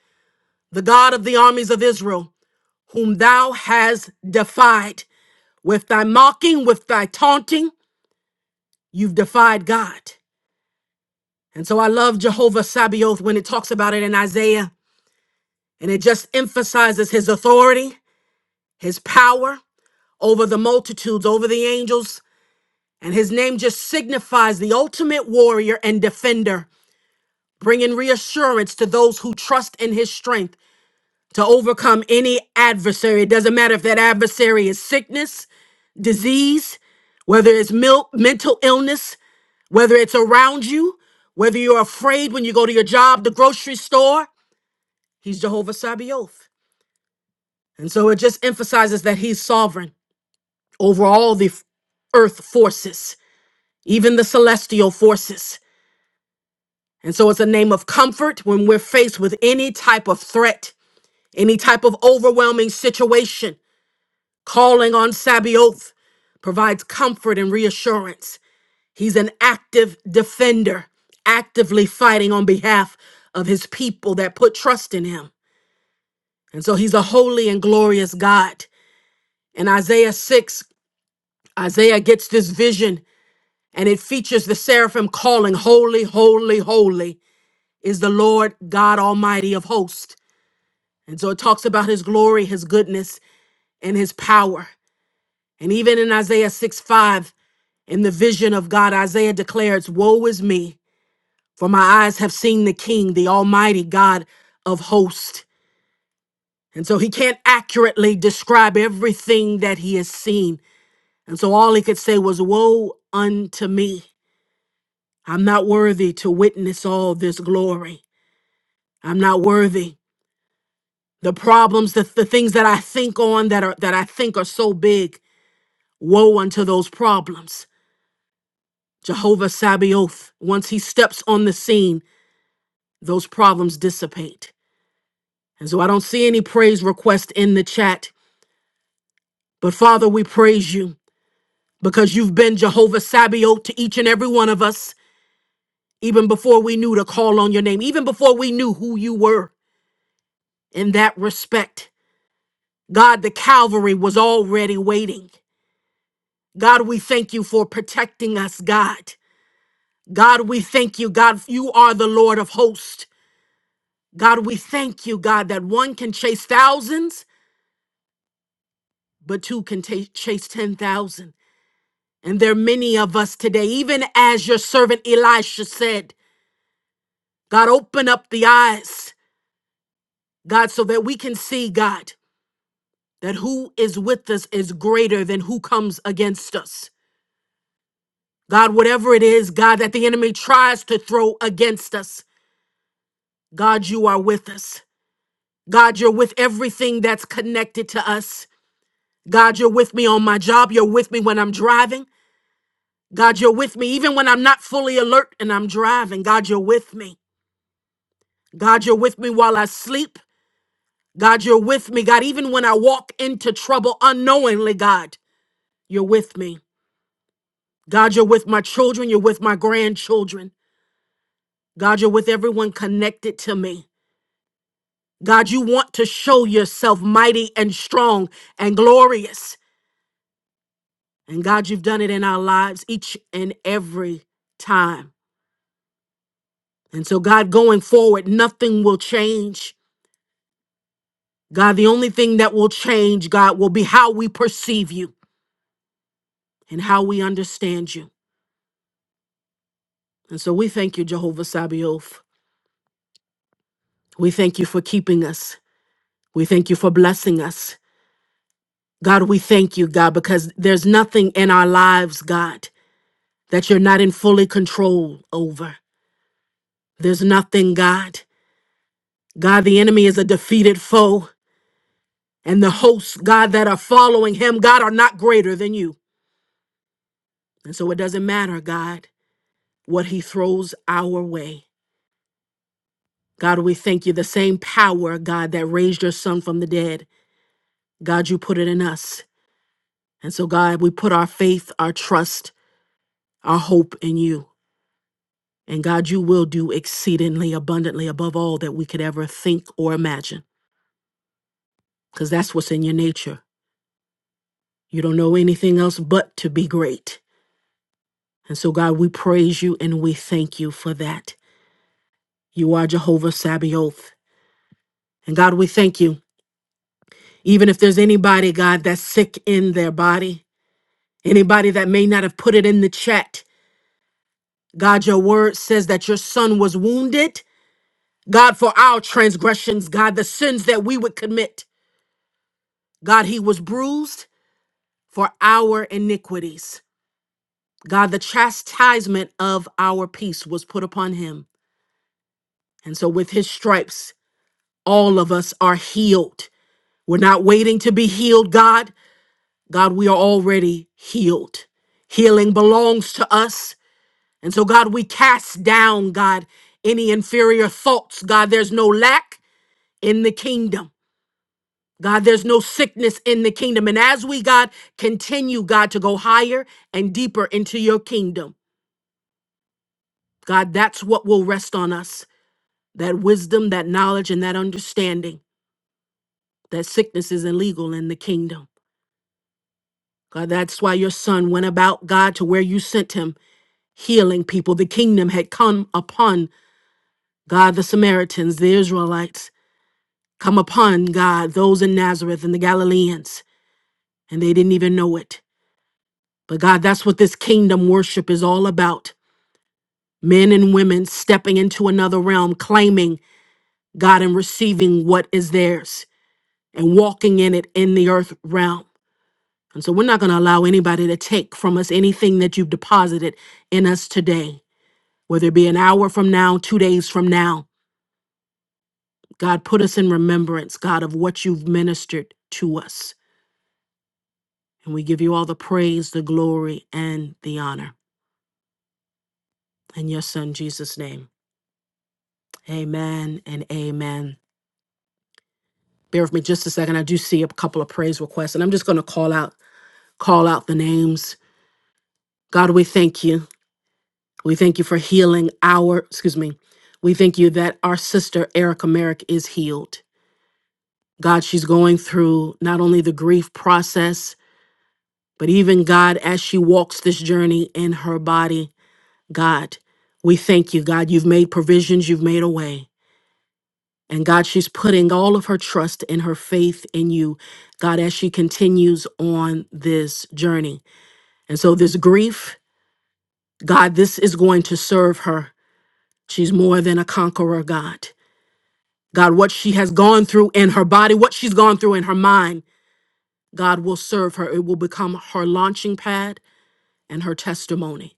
Speaker 1: the God of the armies of Israel, whom thou hast defied with thy mocking, with thy taunting, You've defied God. And so I love Jehovah Sabaoth when it talks about it in Isaiah, and it just emphasizes his authority, his power over the multitudes, over the angels. And his name just signifies the ultimate warrior and defender, bringing reassurance to those who trust in his strength to overcome any adversary. It doesn't matter if that adversary is sickness, disease, whether it's mil- mental illness, Whether it's around you, whether you're afraid when you go to your job, the grocery store, he's Jehovah Sabaoth. And so it just emphasizes that he's sovereign over all the f- earth forces, even the celestial forces. And so it's a name of comfort when we're faced with any type of threat, any type of overwhelming situation. Calling on Sabaoth provides comfort and reassurance. He's an active defender, actively fighting on behalf of his people that put trust in him. And so he's a holy and glorious God. In Isaiah 6, Isaiah gets this vision and it features the seraphim calling, Holy, holy, holy is the Lord God Almighty of hosts. And so it talks about his glory, his goodness, and his power. And even in Isaiah 6 5, in the vision of God, Isaiah declares, Woe is me. For my eyes have seen the King, the Almighty God of hosts. And so he can't accurately describe everything that he has seen. And so all he could say was, Woe unto me. I'm not worthy to witness all this glory. I'm not worthy. The problems, the, the things that I think on that are that I think are so big, woe unto those problems. Jehovah Sabaoth, once he steps on the scene, those problems dissipate. And so I don't see any praise request in the chat. But Father, we praise you because you've been Jehovah Sabaoth to each and every one of us, even before we knew to call on your name, even before we knew who you were in that respect. God, the Calvary was already waiting. God, we thank you for protecting us, God. God, we thank you. God, you are the Lord of hosts. God, we thank you, God, that one can chase thousands, but two can ta- chase 10,000. And there are many of us today, even as your servant Elisha said. God, open up the eyes, God, so that we can see, God, that who is with us is greater than who comes against us. God, whatever it is, God, that the enemy tries to throw against us, God, you are with us. God, you're with everything that's connected to us. God, you're with me on my job. You're with me when I'm driving. God, you're with me even when I'm not fully alert and I'm driving. God, you're with me. God, you're with me while I sleep. God, you're with me. God, even when I walk into trouble unknowingly, God, you're with me. God, you're with my children. You're with my grandchildren. God, you're with everyone connected to me. God, you want to show yourself mighty and strong and glorious. And God, you've done it in our lives each and every time. And so, God, going forward, nothing will change. God, the only thing that will change, God, will be how we perceive you and how we understand you. And so we thank you, Jehovah Sabaoth. We thank you for keeping us. We thank you for blessing us. God, we thank you, God, because there's nothing in our lives, God, that you're not in fully control over. There's nothing, God. God, the enemy is a defeated foe, and the hosts, God, that are following him, God, are not greater than you. And so it doesn't matter, God, what he throws our way. God, we thank you. The same power, God, that raised your son from the dead, God, you put it in us. And so, God, we put our faith, our trust, our hope in you. And God, you will do exceedingly abundantly above all that we could ever think or imagine, because that's what's in your nature. You don't know anything else but to be great. And so, God, we praise you and we thank you for that. You are Jehovah Sabaoth. And God, we thank you. Even if there's anybody, God, that's sick in their body, anybody that may not have put it in the chat, God, your word says that your son was wounded God, for our transgressions, God, the sins that we would commit. God, he was bruised for our iniquities. God, the chastisement of our peace was put upon him. And so, with his stripes, all of us are healed. We're not waiting to be healed, God. God, we are already healed. Healing belongs to us. And so, God, we cast down, God, any inferior thoughts. God, there's no lack in the kingdom. God, there's no sickness in the kingdom. And as we, God, continue, God, to go higher and deeper into your kingdom, God, that's what will rest on us that wisdom, that knowledge, and that understanding that sickness is illegal in the kingdom. God, that's why your son went about, God, to where you sent him, healing people. The kingdom had come upon, God, the Samaritans, the Israelites, come upon, God, those in Nazareth and the Galileans, and they didn't even know it. But God, that's what this kingdom worship is all about. Men and women stepping into another realm, claiming God and receiving what is theirs and walking in it in the earth realm. And so we're not going to allow anybody to take from us anything that you've deposited in us today, whether it be an hour from now, two days from now. God, put us in remembrance, God, of what you've ministered to us. And we give you all the praise, the glory, and the honor. In your son, Jesus' name, amen and amen. Bear with me just a second. I do see a couple of praise requests, and I'm just going to call out call out the names. God, we thank you. We thank you for healing our, excuse me, we thank you that our sister Erica Merrick is healed. God, she's going through not only the grief process, but even God, as she walks this journey in her body, God, we thank you. God, you've made provisions, you've made a way. And God, she's putting all of her trust and her faith in you, God, as she continues on this journey. And so, this grief, God, this is going to serve her. She's more than a conqueror, God. God, what she has gone through in her body, what she's gone through in her mind, God will serve her. It will become her launching pad and her testimony.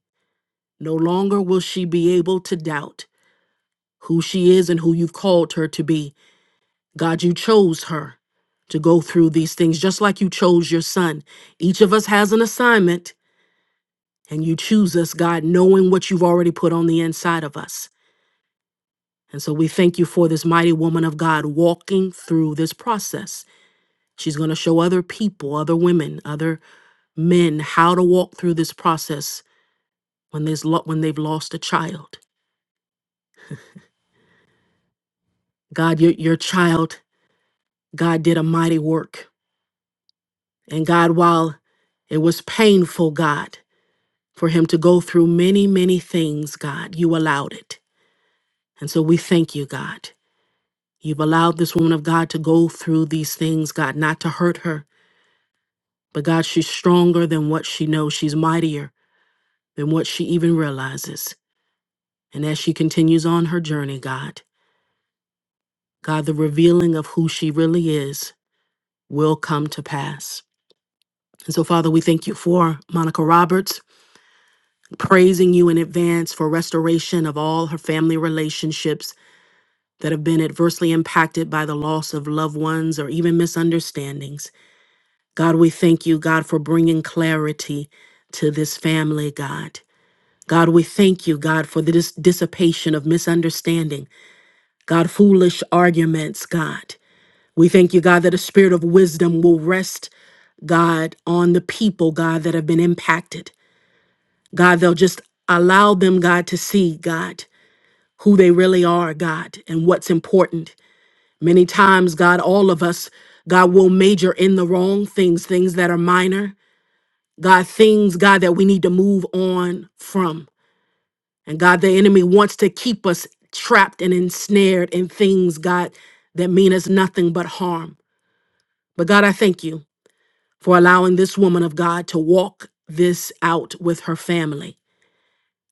Speaker 1: No longer will she be able to doubt who she is and who you've called her to be. God, you chose her to go through these things, just like you chose your son. Each of us has an assignment, and you choose us, God, knowing what you've already put on the inside of us. And so we thank you for this mighty woman of God walking through this process. She's going to show other people, other women, other men how to walk through this process when there's lo- when they've lost a child. God, your your child, God did a mighty work. And God, while it was painful, God, for him to go through many, many things, God, you allowed it. And so we thank you, God. You've allowed this woman of God to go through these things, God, not to hurt her, But God, she's stronger than what she knows. She's mightier than what she even realizes. And as she continues on her journey, God, God, the revealing of who she really is will come to pass. And so, Father, we thank you for Monica Roberts, praising you in advance for restoration of all her family relationships that have been adversely impacted by the loss of loved ones or even misunderstandings. God, we thank you, God, for bringing clarity to this family, God. God, we thank you, God, for the dis- dissipation of misunderstanding, God, foolish arguments, God. We thank you, God, that a spirit of wisdom will rest, God, on the people, God, that have been impacted. God, they'll just allow them, God, to see, God, who they really are, God, and what's important. Many times, God, all of us, God, will major in the wrong things, things that are minor, God, things, God, that we need to move on from. And God, the enemy wants to keep us trapped and ensnared in things, God, that mean us nothing but harm. But God, I thank you for allowing this woman of God to walk this out with her family.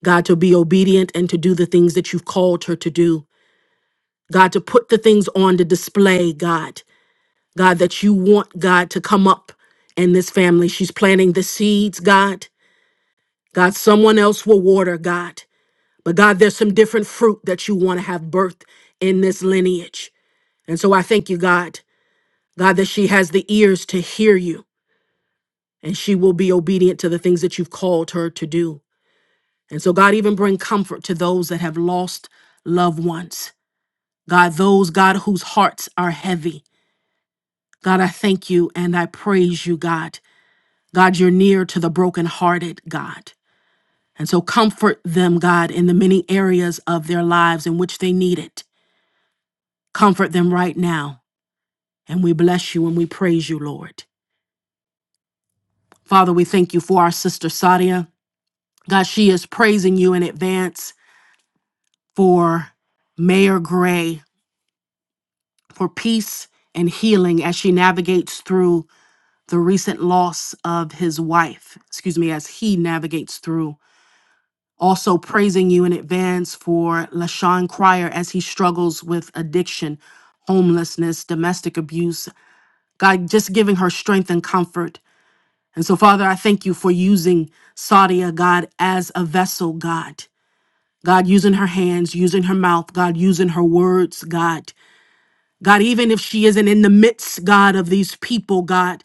Speaker 1: God, to be obedient and to do the things that you've called her to do. God, to put the things on to display, God. God, that you want, God, to come up in this family. She's planting the seeds, God. God, someone else will water, God. But God, there's some different fruit that you want to have birthed in this lineage. And so I thank you, God, God, that she has the ears to hear you and she will be obedient to the things that you've called her to do. And so, God, even bring comfort to those that have lost loved ones. God, those, God, whose hearts are heavy. God, I thank you and I praise you, God. God, you're near to the brokenhearted, God. And so comfort them, God, in the many areas of their lives in which they need it. Comfort them right now. And we bless you and we praise you, Lord. Father, we thank you for our sister Sadia. God, she is praising you in advance for Mayor Gray for peace and healing as she navigates through the recent loss of his wife, excuse me, as he navigates through. Also, praising you in advance for LaShawn Cryer as he struggles with addiction, homelessness, domestic abuse. God, just giving her strength and comfort And so, Father, I thank you for using Sadia, God, as a vessel, God. God, using her hands, using her mouth, God, using her words, God. God, even if she isn't in the midst, God, of these people, God.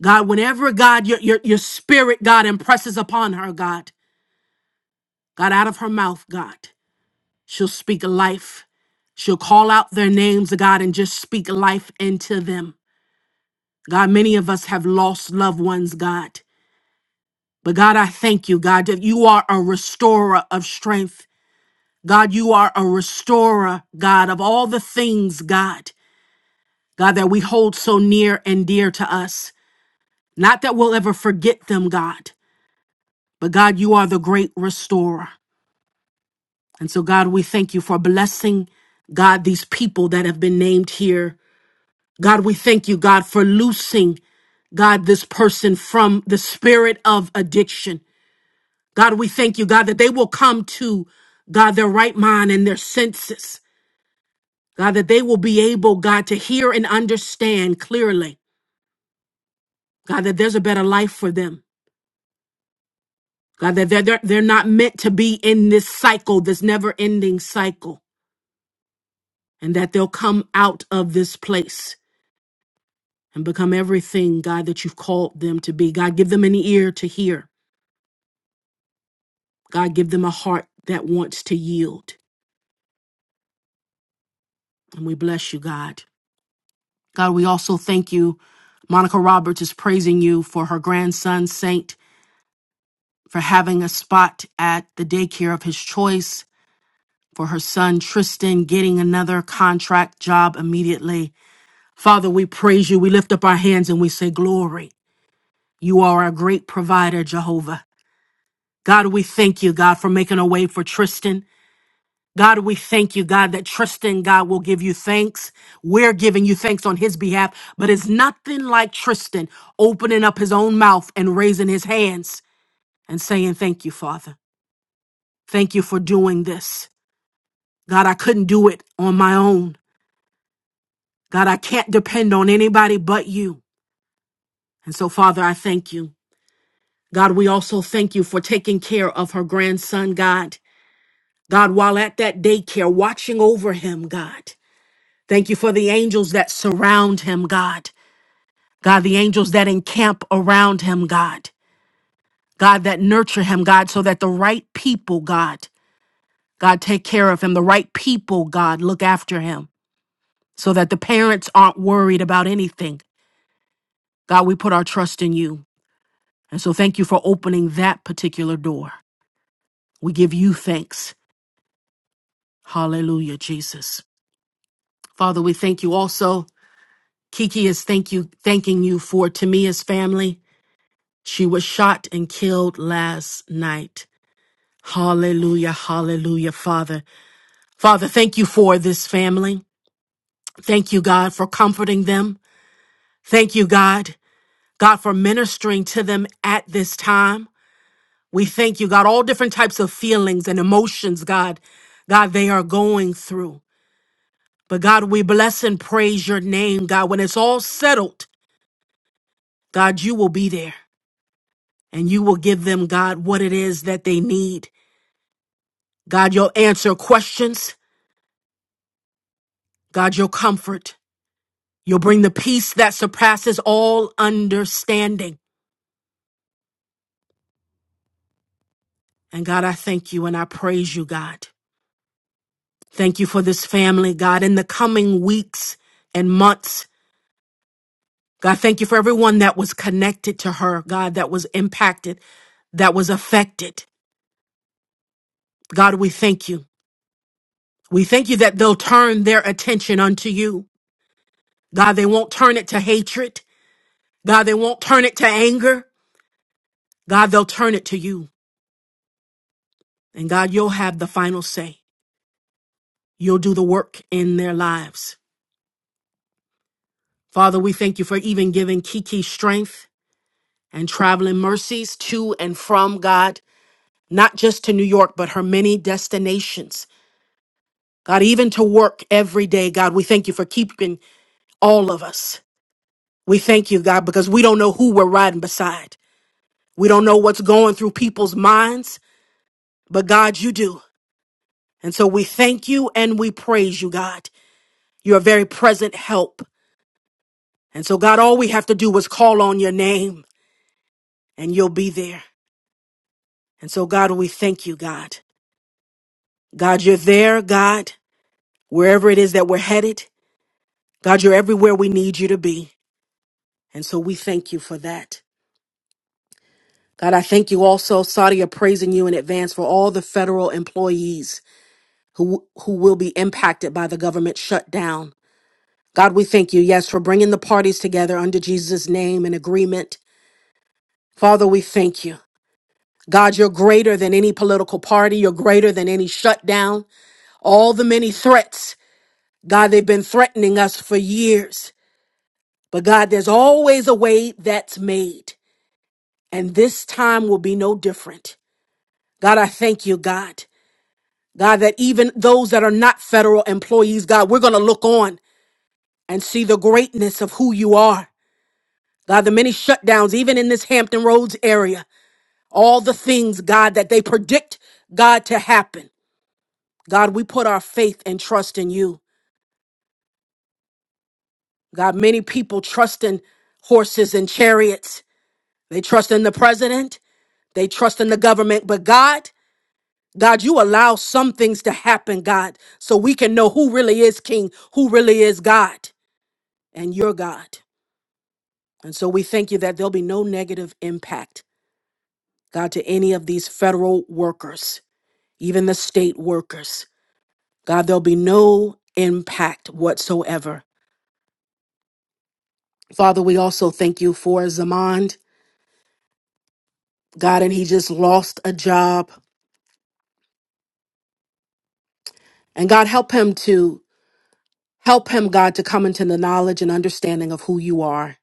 Speaker 1: God, whenever, God, your, your, your spirit, God, impresses upon her, God. God, out of her mouth, God, she'll speak life. She'll call out their names, God, and just speak life into them. God, many of us have lost loved ones, God. But God, I thank you, God, that you are a restorer of strength. God, you are a restorer, God, of all the things, God, God, that we hold so near and dear to us. Not that we'll ever forget them, God, but God, you are the great restorer. And so, God, we thank you for blessing, God, these people that have been named here. God, we thank you, God, for loosing, God, this person from the spirit of addiction. God, we thank you, God, that they will come to, God, their right mind and their senses. God, that they will be able, God, to hear and understand clearly. God, that there's a better life for them. God, that they're, they're, they're not meant to be in this cycle, this never ending cycle, and that they'll come out of this place and become everything, God, that you've called them to be. God, give them an ear to hear. God, give them a heart that wants to yield. And we bless you, God. God, we also thank you. Monica Roberts is praising you for her grandson, Saint, for having a spot at the daycare of his choice, for her son, Tristan, getting another contract job immediately. Father, we praise you. We lift up our hands and we say, Glory. You are a great provider, Jehovah. God, we thank you, God, for making a way for Tristan. God, we thank you, God, that Tristan, God, will give you thanks. We're giving you thanks on his behalf, but it's nothing like Tristan opening up his own mouth and raising his hands and saying, Thank you, Father. Thank you for doing this. God, I couldn't do it on my own. God, I can't depend on anybody but you. And so, Father, I thank you. God, we also thank you for taking care of her grandson, God. God, while at that daycare, watching over him, God. Thank you for the angels that surround him, God. God, the angels that encamp around him, God, God, that nurture him, God, so that the right people, God, God, take care of him. The right people, God, look after him so that the parents aren't worried about anything. God, we put our trust in you. And so thank you for opening that particular door. We give you thanks. Hallelujah, Jesus. Father, we thank you also. Kiki is thank you, thanking you for Tamia's family. She was shot and killed last night. Hallelujah, hallelujah, Father. Father, thank you for this family. Thank you, God, for comforting them. Thank you, God, God, for ministering to them at this time. We thank you, God, all different types of feelings and emotions, God, God, they are going through. But God, we bless and praise your name, God. When it's all settled, God, you will be there and you will give them, God, what it is that they need. God, you'll answer questions. God, you'll comfort. You'll bring the peace that surpasses all understanding. And God, I thank you and I praise you, God. Thank you for this family, God, in the coming weeks and months. God, thank you for everyone that was connected to her, God, that was impacted, that was affected. God, we thank you. We thank you that they'll turn their attention unto you. God, they won't turn it to hatred. God, they won't turn it to anger. God, they'll turn it to you. And God, you'll have the final say. You'll do the work in their lives. Father, we thank you for even giving Kiki strength and traveling mercies to and from God, not just to New York, but her many destinations. God, even to work every day, God, we thank you for keeping all of us. We thank you, God, because we don't know who we're riding beside. We don't know what's going through people's minds, but God, you do. And so we thank you and we praise you, God. You're a very present help. And so, God, all we have to do is call on your name. and you'll be there. And so, God, we thank you, God. God, you're there, God, wherever it is that we're headed. God, you're everywhere we need you to be. And so we thank you for that. God, I thank you also, Saudi, praising you in advance for all the federal employees who, who will be impacted by the government shutdown. God, we thank you, yes, for bringing the parties together under Jesus' name in agreement. Father, we thank you. God, you're greater than any political party. You're greater than any shutdown. All the many threats. God, they've been threatening us for years. But God, there's always a way that's made. And this time will be no different. God, I thank you, God. God, that even those that are not federal employees, God, we're going to look on and see the greatness of who you are. God, the many shutdowns, even in this Hampton Roads area, all the things, God, that they predict, God, to happen. God, we put our faith and trust in you. God, many people trust in horses and chariots. They trust in the president. They trust in the government. But God, God, you allow some things to happen, God, so we can know who really is king, who really is God, and you're God. And so we thank you that there'll be no negative impact, God, to any of these federal workers, even the state workers. God, there'll be no impact whatsoever. Father, we also thank you for Zamond, God, and he just lost a job. And God, help him to Help him, God, to come into the knowledge and understanding of who you are.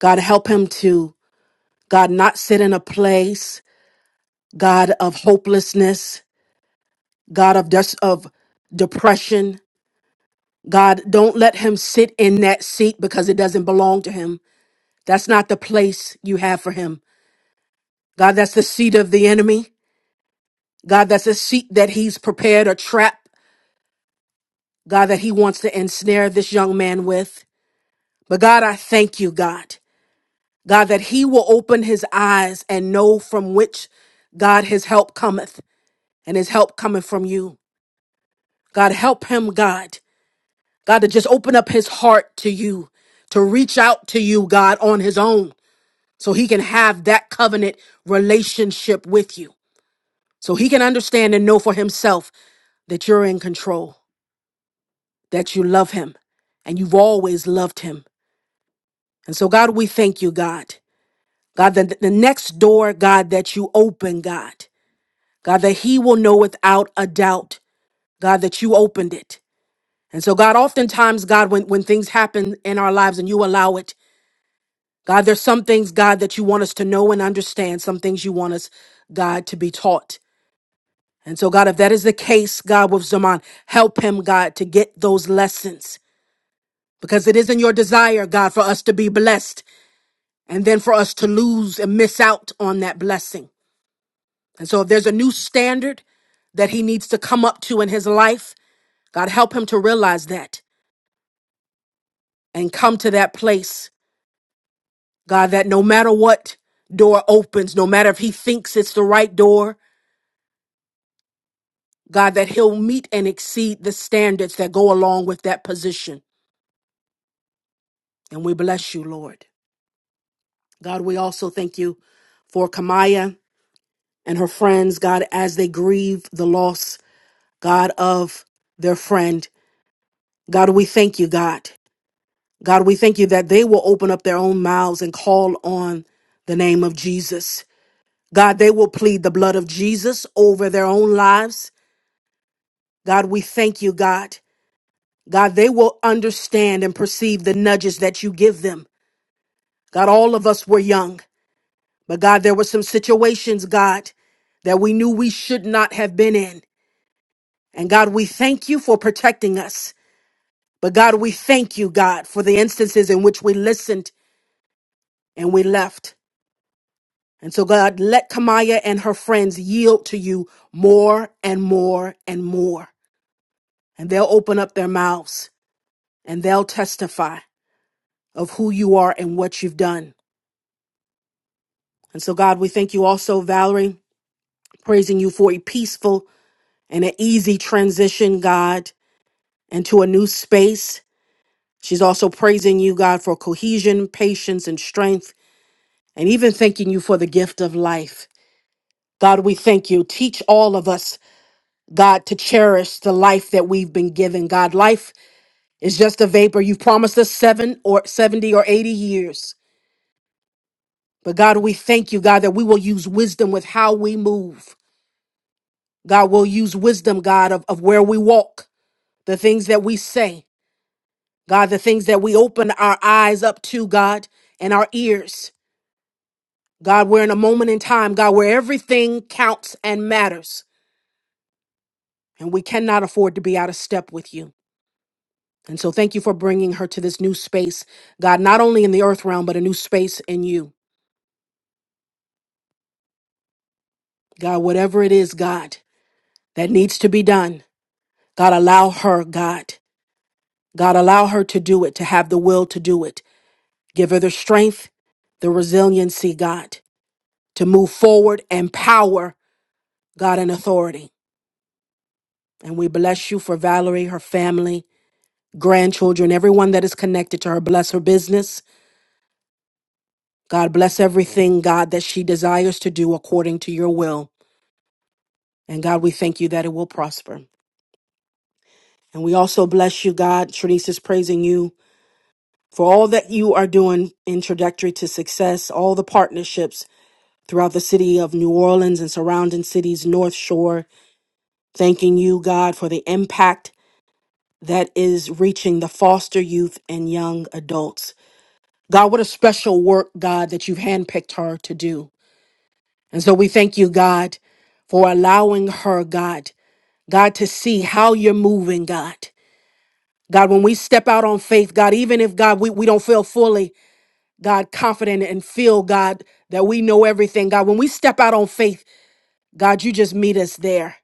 Speaker 1: God, help him to, God, not sit in a place, God, of hopelessness, God, of, des- of depression. God, don't let him sit in that seat because it doesn't belong to him. That's not the place you have for him. God, that's the seat of the enemy. God, that's a seat that he's prepared, a trap, God, that he wants to ensnare this young man with. But God, I thank you, God. God, that he will open his eyes and know from which God his help cometh and his help cometh from you. God, help him, God. God, to just open up his heart to you, to reach out to you, God, on his own, so he can have that covenant relationship with you, so he can understand and know for himself that you're in control, that you love him, and you've always loved him. And so, God, we thank you, God. God, the, the next door, God, that you open, God. God, that he will know without a doubt, God, that you opened it. And so, God, oftentimes, God, when, when things happen in our lives and you allow it, God, there's some things, God, that you want us to know and understand, some things you want us, God, to be taught. And so, God, if that is the case, God, with Zaman, help him, God, to get those lessons because it isn't your desire, God, for us to be blessed and then for us to lose and miss out on that blessing. And so, if there's a new standard that he needs to come up to in his life, God, help him to realize that and come to that place, God, that no matter what door opens, no matter if he thinks it's the right door, God, that he'll meet and exceed the standards that go along with that position. And we bless you, Lord. God, we also thank you for Kamaya and her friends, God, as they grieve the loss, God, of their friend. God, we thank you, God. God, we thank you that they will open up their own mouths and call on the name of Jesus. God, they will plead the blood of Jesus over their own lives. God, we thank you, God. God, they will understand and perceive the nudges that you give them. God, all of us were young, but God, there were some situations, God, that we knew we should not have been in. And God, we thank you for protecting us. But God, we thank you, God, for the instances in which we listened and we left. And so, God, let Kamaya and her friends yield to you more and more and more. and they'll open up their mouths and they'll testify of who you are and what you've done. And so, God, we thank you also, Valerie, praising you for a peaceful and an easy transition, God, into a new space. She's also praising you, God, for cohesion, patience, and strength, and even thanking you for the gift of life. God, we thank you. Teach all of us, God, to cherish the life that we've been given. God, life is just a vapor. You've promised us seven or 70 or 80 years. But God, we thank you, God, that we will use wisdom with how we move. God will use wisdom, God, of, of where we walk, the things that we say, God, the things that we open our eyes up to, God, and our ears. God, we're in a moment in time, God, where everything counts and matters, and we cannot afford to be out of step with you. And so thank you for bringing her to this new space, God, not only in the earth realm, but a new space in you. God, whatever it is, God, that needs to be done, God, allow her, God. God, allow her to do it, to have the will to do it. Give her the strength, the resiliency, God, to move forward and power, God, and authority. And we bless you for Valerie, her family, grandchildren, everyone that is connected to her. Bless her business. God, bless everything, God, that she desires to do according to your will. And God, we thank you that it will prosper. And we also bless you, God. Trinice is praising you for all that you are doing in trajectory to success, all the partnerships throughout the city of New Orleans and surrounding cities, North Shore, thanking you, God, for the impact that is reaching the foster youth and young adults. God, what a special work, God, that you've handpicked her to do. And so we thank you, God, for allowing her, God, God, to see how you're moving, God. God, when we step out on faith, God, even if, God, we, we don't feel fully, God, confident and feel, God, that we know everything, God, when we step out on faith, God, you just meet us there.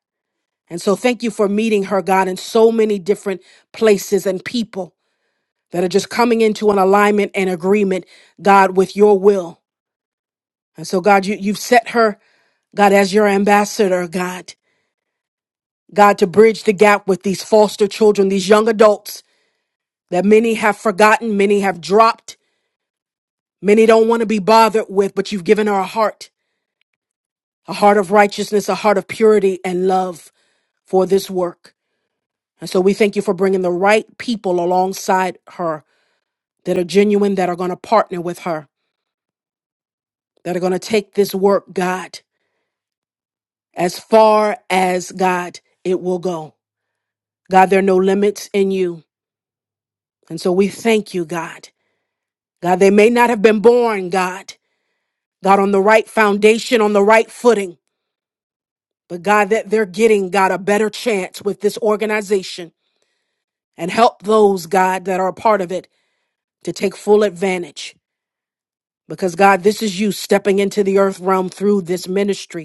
Speaker 1: And so thank you for meeting her, God, in so many different places and people that are just coming into an alignment and agreement, God, with your will. And so, God, you, you've set her, God, as your ambassador, God, God, to bridge the gap with these foster children, these young adults that many have forgotten, many have dropped, many don't want to be bothered with, but you've given her a heart, a heart of righteousness, a heart of purity and love for this work. And so we thank you for bringing the right people alongside her that are genuine, that are going to partner with her, that are going to take this work, God, as far as God it will go. God, there are no limits in you. And so we thank you, God. God, they may not have been born, God, God, on the right foundation, on the right footing, but God, that they're getting, God, a better chance with this organization and help those, God, that are a part of it to take full advantage. Because, God, this is you stepping into the earth realm through this ministry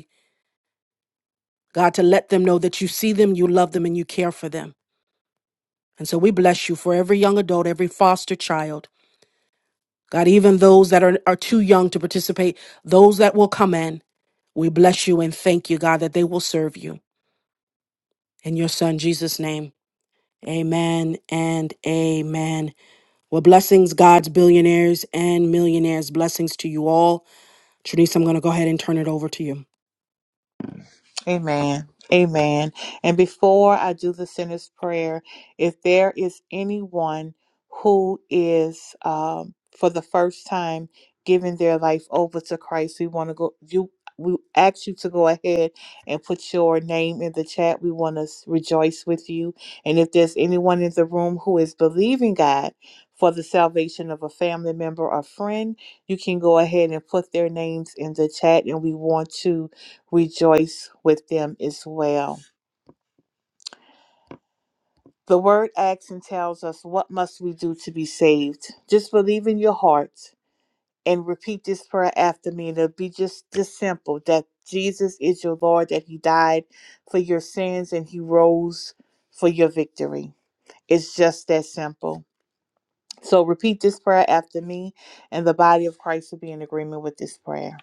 Speaker 1: God, to let them know that you see them, you love them, and you care for them. And so we bless you for every young adult, every foster child. God, even those that are, are too young to participate, those that will come in, we bless you and thank you, God, that they will serve you. In your son, Jesus' name, amen and amen. Well, blessings, God's billionaires and millionaires. Blessings to you all. Trinice, I'm going to go ahead and turn it over to you.
Speaker 2: Amen. Amen. And before I do the sinner's prayer, if there is anyone who is um, for the first time giving their life over to Christ, we want to go. You, we ask you to go ahead and put your name in the chat. We want to rejoice with you. And if there's anyone in the room who is believing God for the salvation of a family member or friend, you can go ahead and put their names in the chat, and we want to rejoice with them as well. The word acts and tells us what must we do to be saved. Just believe in your heart and repeat this prayer after me. And It'll be just this simple that Jesus is your Lord, that He died for your sins and He rose for your victory. It's just that simple. So repeat this prayer after me, and the body of Christ will be in agreement with this prayer.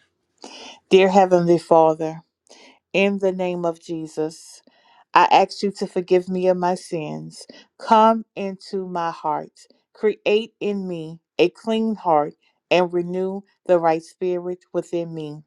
Speaker 2: Dear Heavenly Father, In the name of Jesus, I ask you to forgive me of my sins. Come into my heart. Create in me a clean heart and renew the right spirit within me.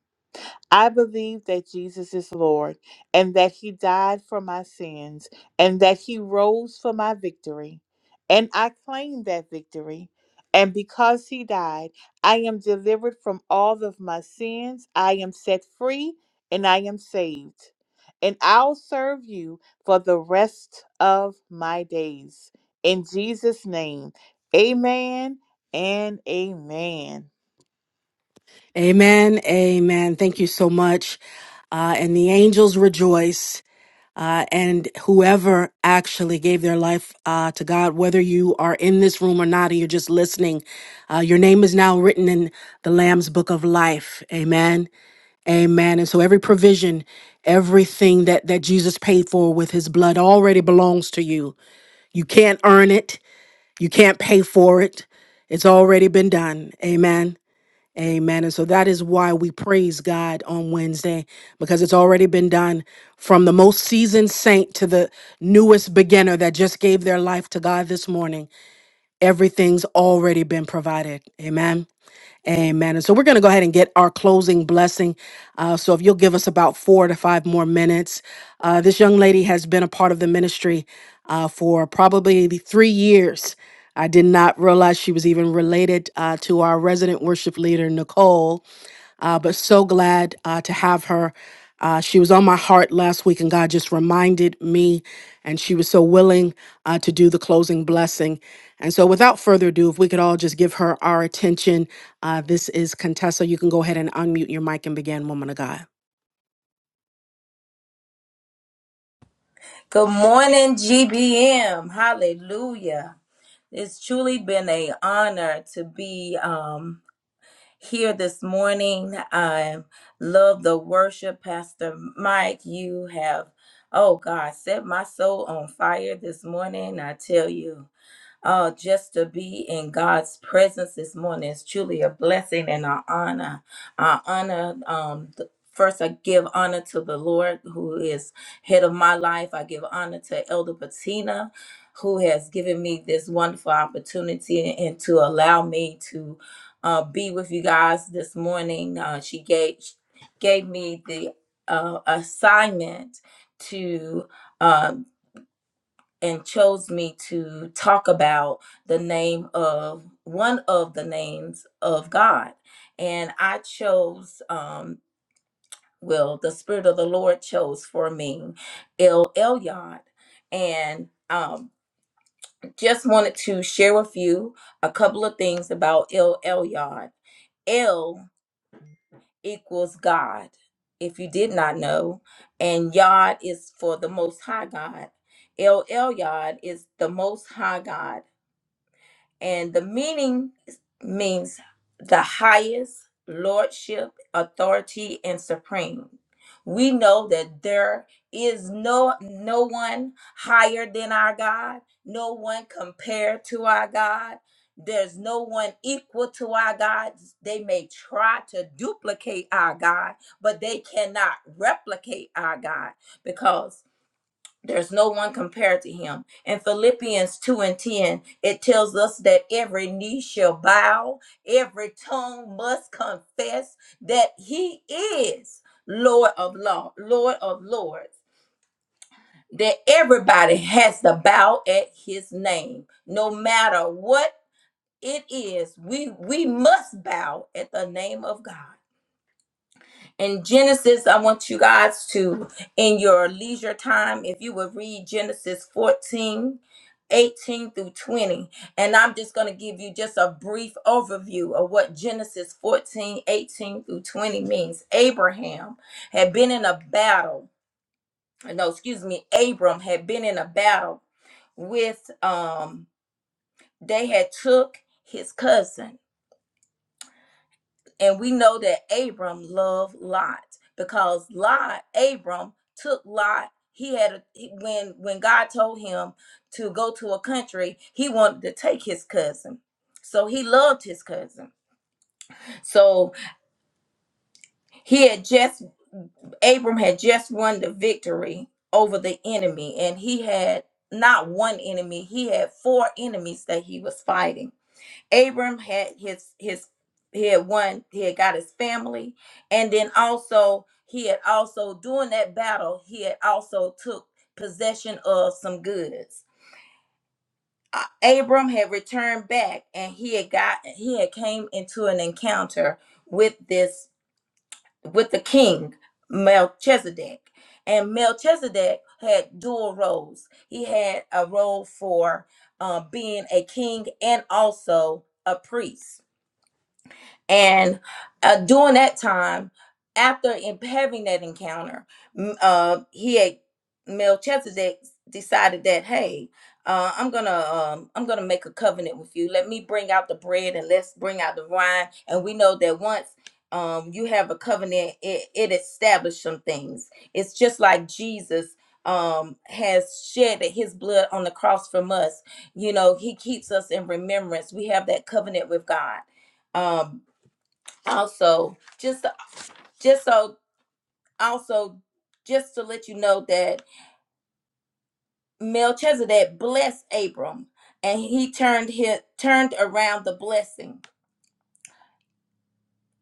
Speaker 2: I believe that Jesus is Lord and that he died for my sins and that he rose for my victory. And I claim that victory. And because he died, I am delivered from all of my sins. I am set free and I am saved. And I'll serve you for the rest of my days. In Jesus' name, amen and amen.
Speaker 1: Amen. Amen. Thank you so much. Uh, and the angels rejoice. uh, and whoever actually gave their life uh, to God, whether you are in this room or not, or you're just listening, uh, your name is now written in the Lamb's book of life. Amen. Amen. And so every provision, everything that, that Jesus paid for with his blood already belongs to you. You can't earn it, you can't pay for it. It's already been done. Amen. Amen. And so that is why we praise God on Wednesday because it's already been done from the most seasoned saint to the newest beginner that just gave their life to God this morning. Everything's already been provided. Amen. Amen. And so we're going to go ahead and get our closing blessing. Uh, so if you'll give us about four to five more minutes. Uh, this young lady has been a part of the ministry uh, for probably the three years. I did not realize she was even related uh, to our resident worship leader, Nicole uh, but so glad uh, to have her. Uh, she was on my heart last week, and God just reminded me, and she was so willing uh, to do the closing blessing. And so, without further ado, if we could all just give her our attention, uh, this is Contessa. You can go ahead and unmute your mic and begin, woman of God.
Speaker 4: Good morning, GBM. Hallelujah. It's truly been a honor to be um, here this morning. I love the worship, Pastor Mike. You have, oh God, set my soul on fire this morning. I tell you. Uh, just to be in God's presence this morning is truly a blessing and an honor. I honor, um, th- first I give honor to the Lord who is head of my life. I give honor to Elder Patina who has given me this wonderful opportunity and to allow me to uh, be with you guys this morning. Uh, she gave gave me the uh, assignment to. Uh, and chose me to talk about the name of one of the names of God. And I chose, um, well, the Spirit of the Lord chose for me El Elyon. And um, just wanted to share with you a couple of things about El Elyon. El equals God, if you did not know, and Yod is for the Most High God. El Elyon is the Most High God And the meaning means the highest lordship, authority, and supreme. We know that there is no no one higher than our God, no one compared to our God. There's no one equal to our God. They may try to duplicate our God, but they cannot replicate our God because there's no one compared to him. In Philippians 2 and 10, it tells us that every knee shall bow, every tongue must confess that he is Lord of law, Lord of lords. That everybody has to bow at his name, no matter what it is. We we must bow at the name of God in Genesis, I want you guys to, in your leisure time, if you would read Genesis 14, 18 through 20. And I'm just going to give you just a brief overview of what Genesis 14, 18 through 20 means. Abraham had been in a battle. uh, No, excuse me. Abram had been in a battle with, um, they had took his cousin And we know that Abram loved Lot because Lot, Abram took Lot. He had a, he- when when God told him to go to a country, he wanted to take his cousin. So he loved his cousin. So he had just Abram had just won the victory over the enemy and he had not one enemy, he had four enemies that he was fighting. Abram had his his he had won he had got his family and then also he had also during that battle he had also took possession of some goods. Uh, Abram had returned back and he had got he had came into an encounter with this with the king Melchizedek and Melchizedek had dual roles. He had a role for uh, being a king and also a priest And uh, during that time, after in- having that encounter, m- uh, he had Melchizedek decided that, hey, uh, I'm gonna um, I'm gonna make a covenant with you. Let me bring out the bread and let's bring out the wine. And we know that once um, you have a covenant, it, it establishes some things. It's just like Jesus um, has shed his blood on the cross from us. You know, he keeps us in remembrance. We have that covenant with God. Um, also just just so also just to let you know that Melchizedek blessed Abram and he turned his, turned around the blessing.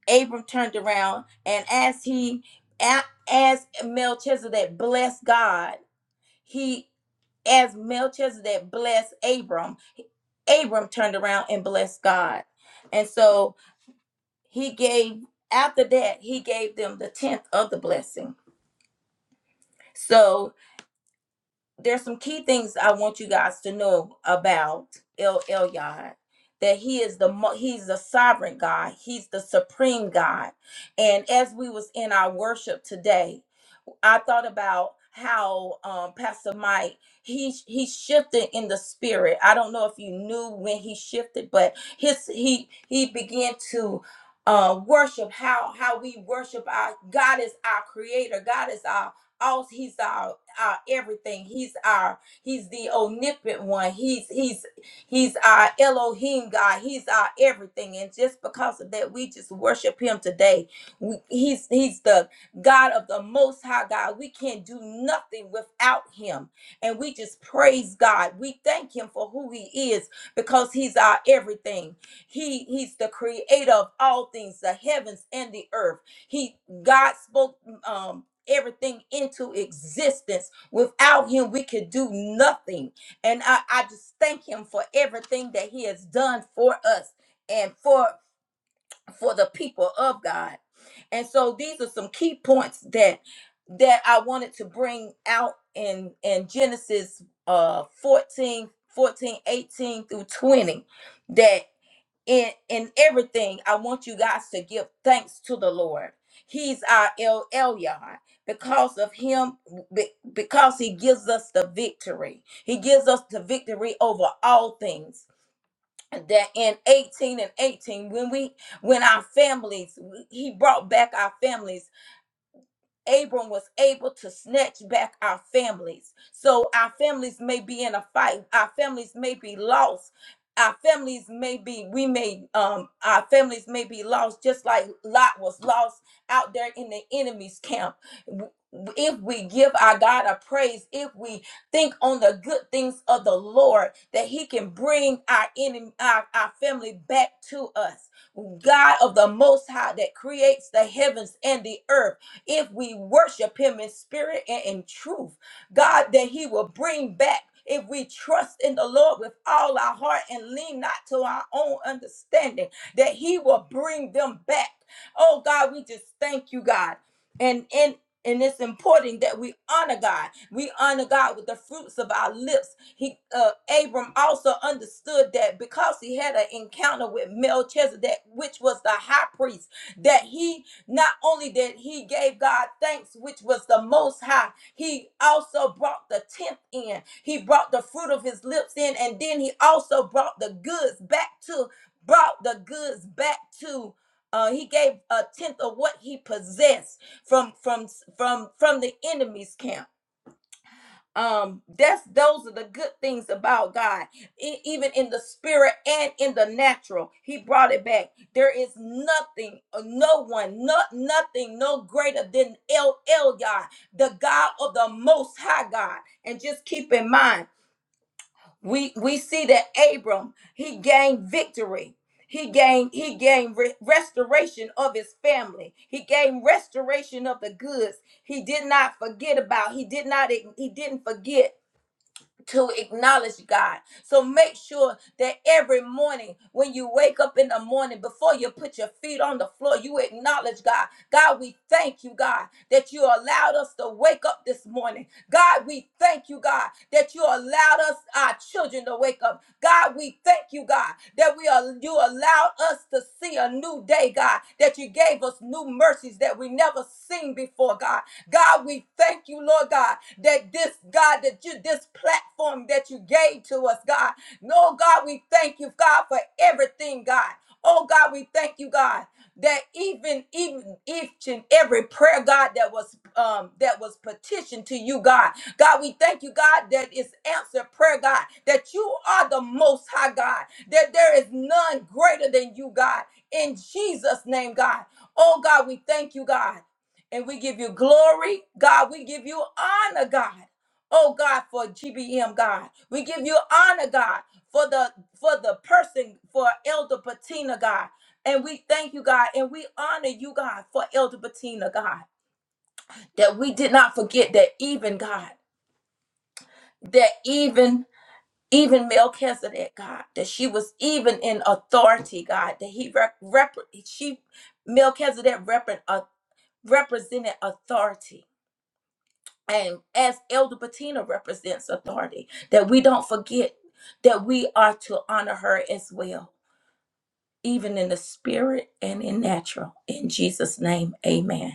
Speaker 4: Abram turned around and as he a- as Melchizedek blessed God, he as Melchizedek blessed Abram, Abram turned around and blessed God. And so he gave after that he gave them the tenth of the blessing. So there's some key things I want you guys to know about El Elyon that he is the mo- he's the sovereign God, he's the supreme God. And as we was in our worship today, I thought about how um, Pastor Mike he he shifted in the spirit. I don't know if you knew when he shifted, but his he he began to uh, worship how how we worship our God is our creator. God is our all. He's our our everything. He's our he's the omnipotent one. He's he's he's our Elohim God. He's our everything. And just because of that, we just worship him today. We, he's he's the God of the Most High God. We can't do nothing without Him. And we just praise God. We thank Him for who He is because He's our everything. He He's the creator of all things, the heavens and the earth. He God spoke um everything into existence without him we could do nothing and I, I just thank him for everything that he has done for us and for for the people of God. And so these are some key points that that I wanted to bring out in in Genesis uh 14 fourteen, eighteen through 20 that in in everything I want you guys to give thanks to the Lord. He's our El Elyon. Because of him, be- because he gives us the victory. He gives us the victory over all things that in 18 and 18 when we when our families he brought back our families Abram was able to snatch back our families. So our families may be in a fight. Our families may be lost. Our families may be, we may, um, our families may be lost, just like Lot was lost out there in the enemy's camp. W- If we give our God a praise, if we think on the good things of the Lord, that He can bring our enemy, our, our family back to us. God of the Most High that creates the heavens and the earth if we worship him in spirit and in truth. God, that he will bring back if we trust in the Lord with all our heart and lean not to our own understanding, that he will bring them back. Oh God, we just thank you, God. And and and it's important that we honor God. We honor God with the fruits of our lips. He uh Abram also understood that because he had an encounter with Melchizedek, which was the high priest, that he not only did he gave God thanks, which was the most high, he also brought the tenth in. He brought the fruit of his lips in, and then he also brought the goods back to, brought the goods back to. Uh, he gave a tenth of what he possessed from from from from the enemy's camp um that's those are the good things about god E- even in the spirit and in the natural he brought it back there is nothing uh, no one not nothing no greater than el elyon the god of the most high god and just keep in mind we we see that abram he gained victory he gained he gained re- restoration of his family he gained restoration of the goods he did not forget about he did not he didn't forget to acknowledge God. So make sure that every morning when you wake up in the morning, before you put your feet on the floor, you acknowledge God. God, we thank you, God, that you allowed us to wake up this morning. God, we thank you, God, that you allowed us, our children, to wake up. God, we thank you, God, that we are you allowed us to see a new day, God, that you gave us new mercies that we never seen before, God. God, we thank you, Lord God, that this, God, that you, this platform that you gave to us, God. No, God, we thank you, God, for everything, God. Oh, God, we thank you, God, that even, even each and every prayer, God, that was, um, that was petitioned to you, God. God, we thank you, God, that it's answered prayer, God, that you are the most high God, that there is none greater than you, God. In Jesus' name, God. Oh, God, we thank you, God and we give you glory, God. We give you honor, God. Oh God, for GBM, God. We give you honor, God, for the for the person, for Elder Patina, God. And we thank you, God, and we honor you, God, for Elder Patina, God. That we did not forget that even God, that even even Melchizedek, God, that she was even in authority, God, that he rep, rep she Melchizedek rep, uh, represented authority and as elder patina represents authority that we don't forget that we are to honor her as well even in the spirit and in natural in jesus name amen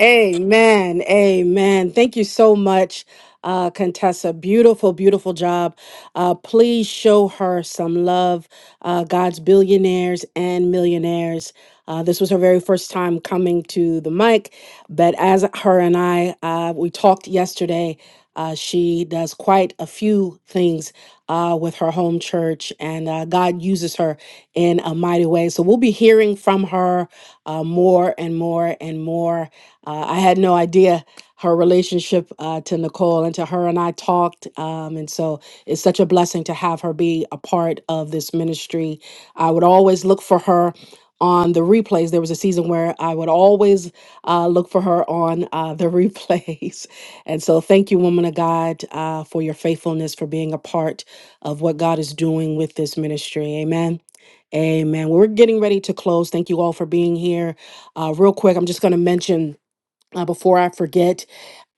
Speaker 1: Amen. Amen. Thank you so much, uh, Contessa. Beautiful, beautiful job. Uh, please show her some love, uh, God's billionaires and millionaires. Uh, this was her very first time coming to the mic, but as her and I, uh, we talked yesterday. Uh, she does quite a few things uh, with her home church, and uh, God uses her in a mighty way. So we'll be hearing from her uh, more and more and more. Uh, I had no idea her relationship uh, to Nicole and to her and I talked. Um, and so it's such a blessing to have her be a part of this ministry. I would always look for her on the replays. There was a season where I would always uh, look for her on uh, the (laughs) replays. And so thank you, woman of God, uh, for your faithfulness, for being a part of what God is doing with this ministry. Amen. Amen. We're getting ready to close. Thank you all for being here. Uh, real quick, I'm just going to mention uh, before I forget,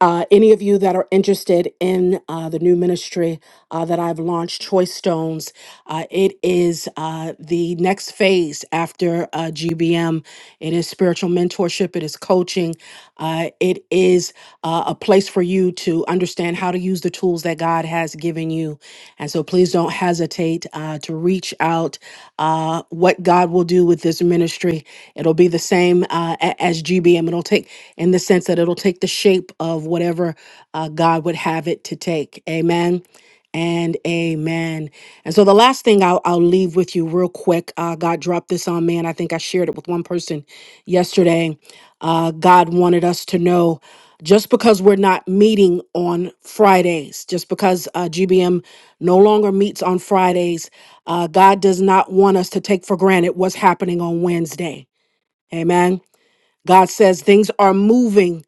Speaker 1: uh, any of you that are interested in uh, the new ministry uh, that I've launched, Choice Stones, uh, it is uh, the next phase after uh, GBM. It is spiritual mentorship, it is coaching, uh, it is uh, a place for you to understand how to use the tools that God has given you. And so please don't hesitate uh, to reach out. Uh, what God will do with this ministry It'll be the same uh, a- as GBM. It'll take, in the sense that it'll take the shape of whatever uh, God would have it to take. Amen and amen. And so the last thing I'll, I'll leave with you real quick. Uh, God dropped this on me, and I think I shared it with one person yesterday. Uh, God wanted us to know just because we're not meeting on Fridays, just because uh, GBM no longer meets on Fridays, uh, God does not want us to take for granted what's happening on Wednesday. Amen. God says things are moving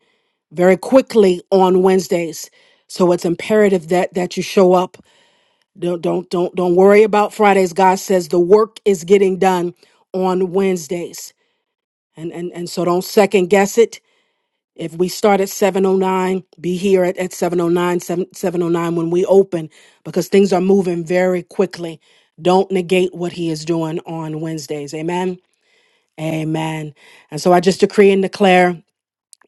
Speaker 1: very quickly on Wednesdays. So it's imperative that that you show up. Don't don't don't don't worry about Fridays. God says the work is getting done on Wednesdays. And and and so don't second guess it. If we start at 709, be here at, at seven o nine seven seven o nine when we open, because things are moving very quickly. Don't negate what he is doing on Wednesdays. Amen. Amen. And so I just decree and declare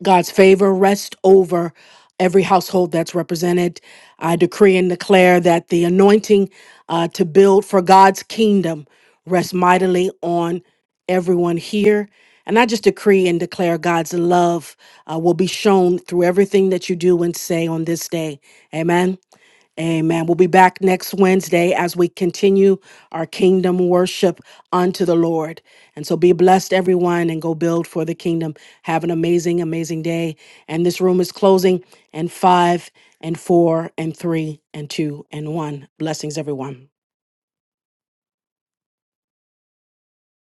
Speaker 1: God's favor rest over every household that's represented. I decree and declare that the anointing uh, to build for God's kingdom rests mightily on everyone here. And I just decree and declare God's love uh, will be shown through everything that you do and say on this day. Amen. Amen. We'll be back next Wednesday as we continue our kingdom worship unto the Lord. And so be blessed, everyone, and go build for the kingdom. Have an amazing, amazing day. And this room is closing in five and four and three and two and one. Blessings, everyone.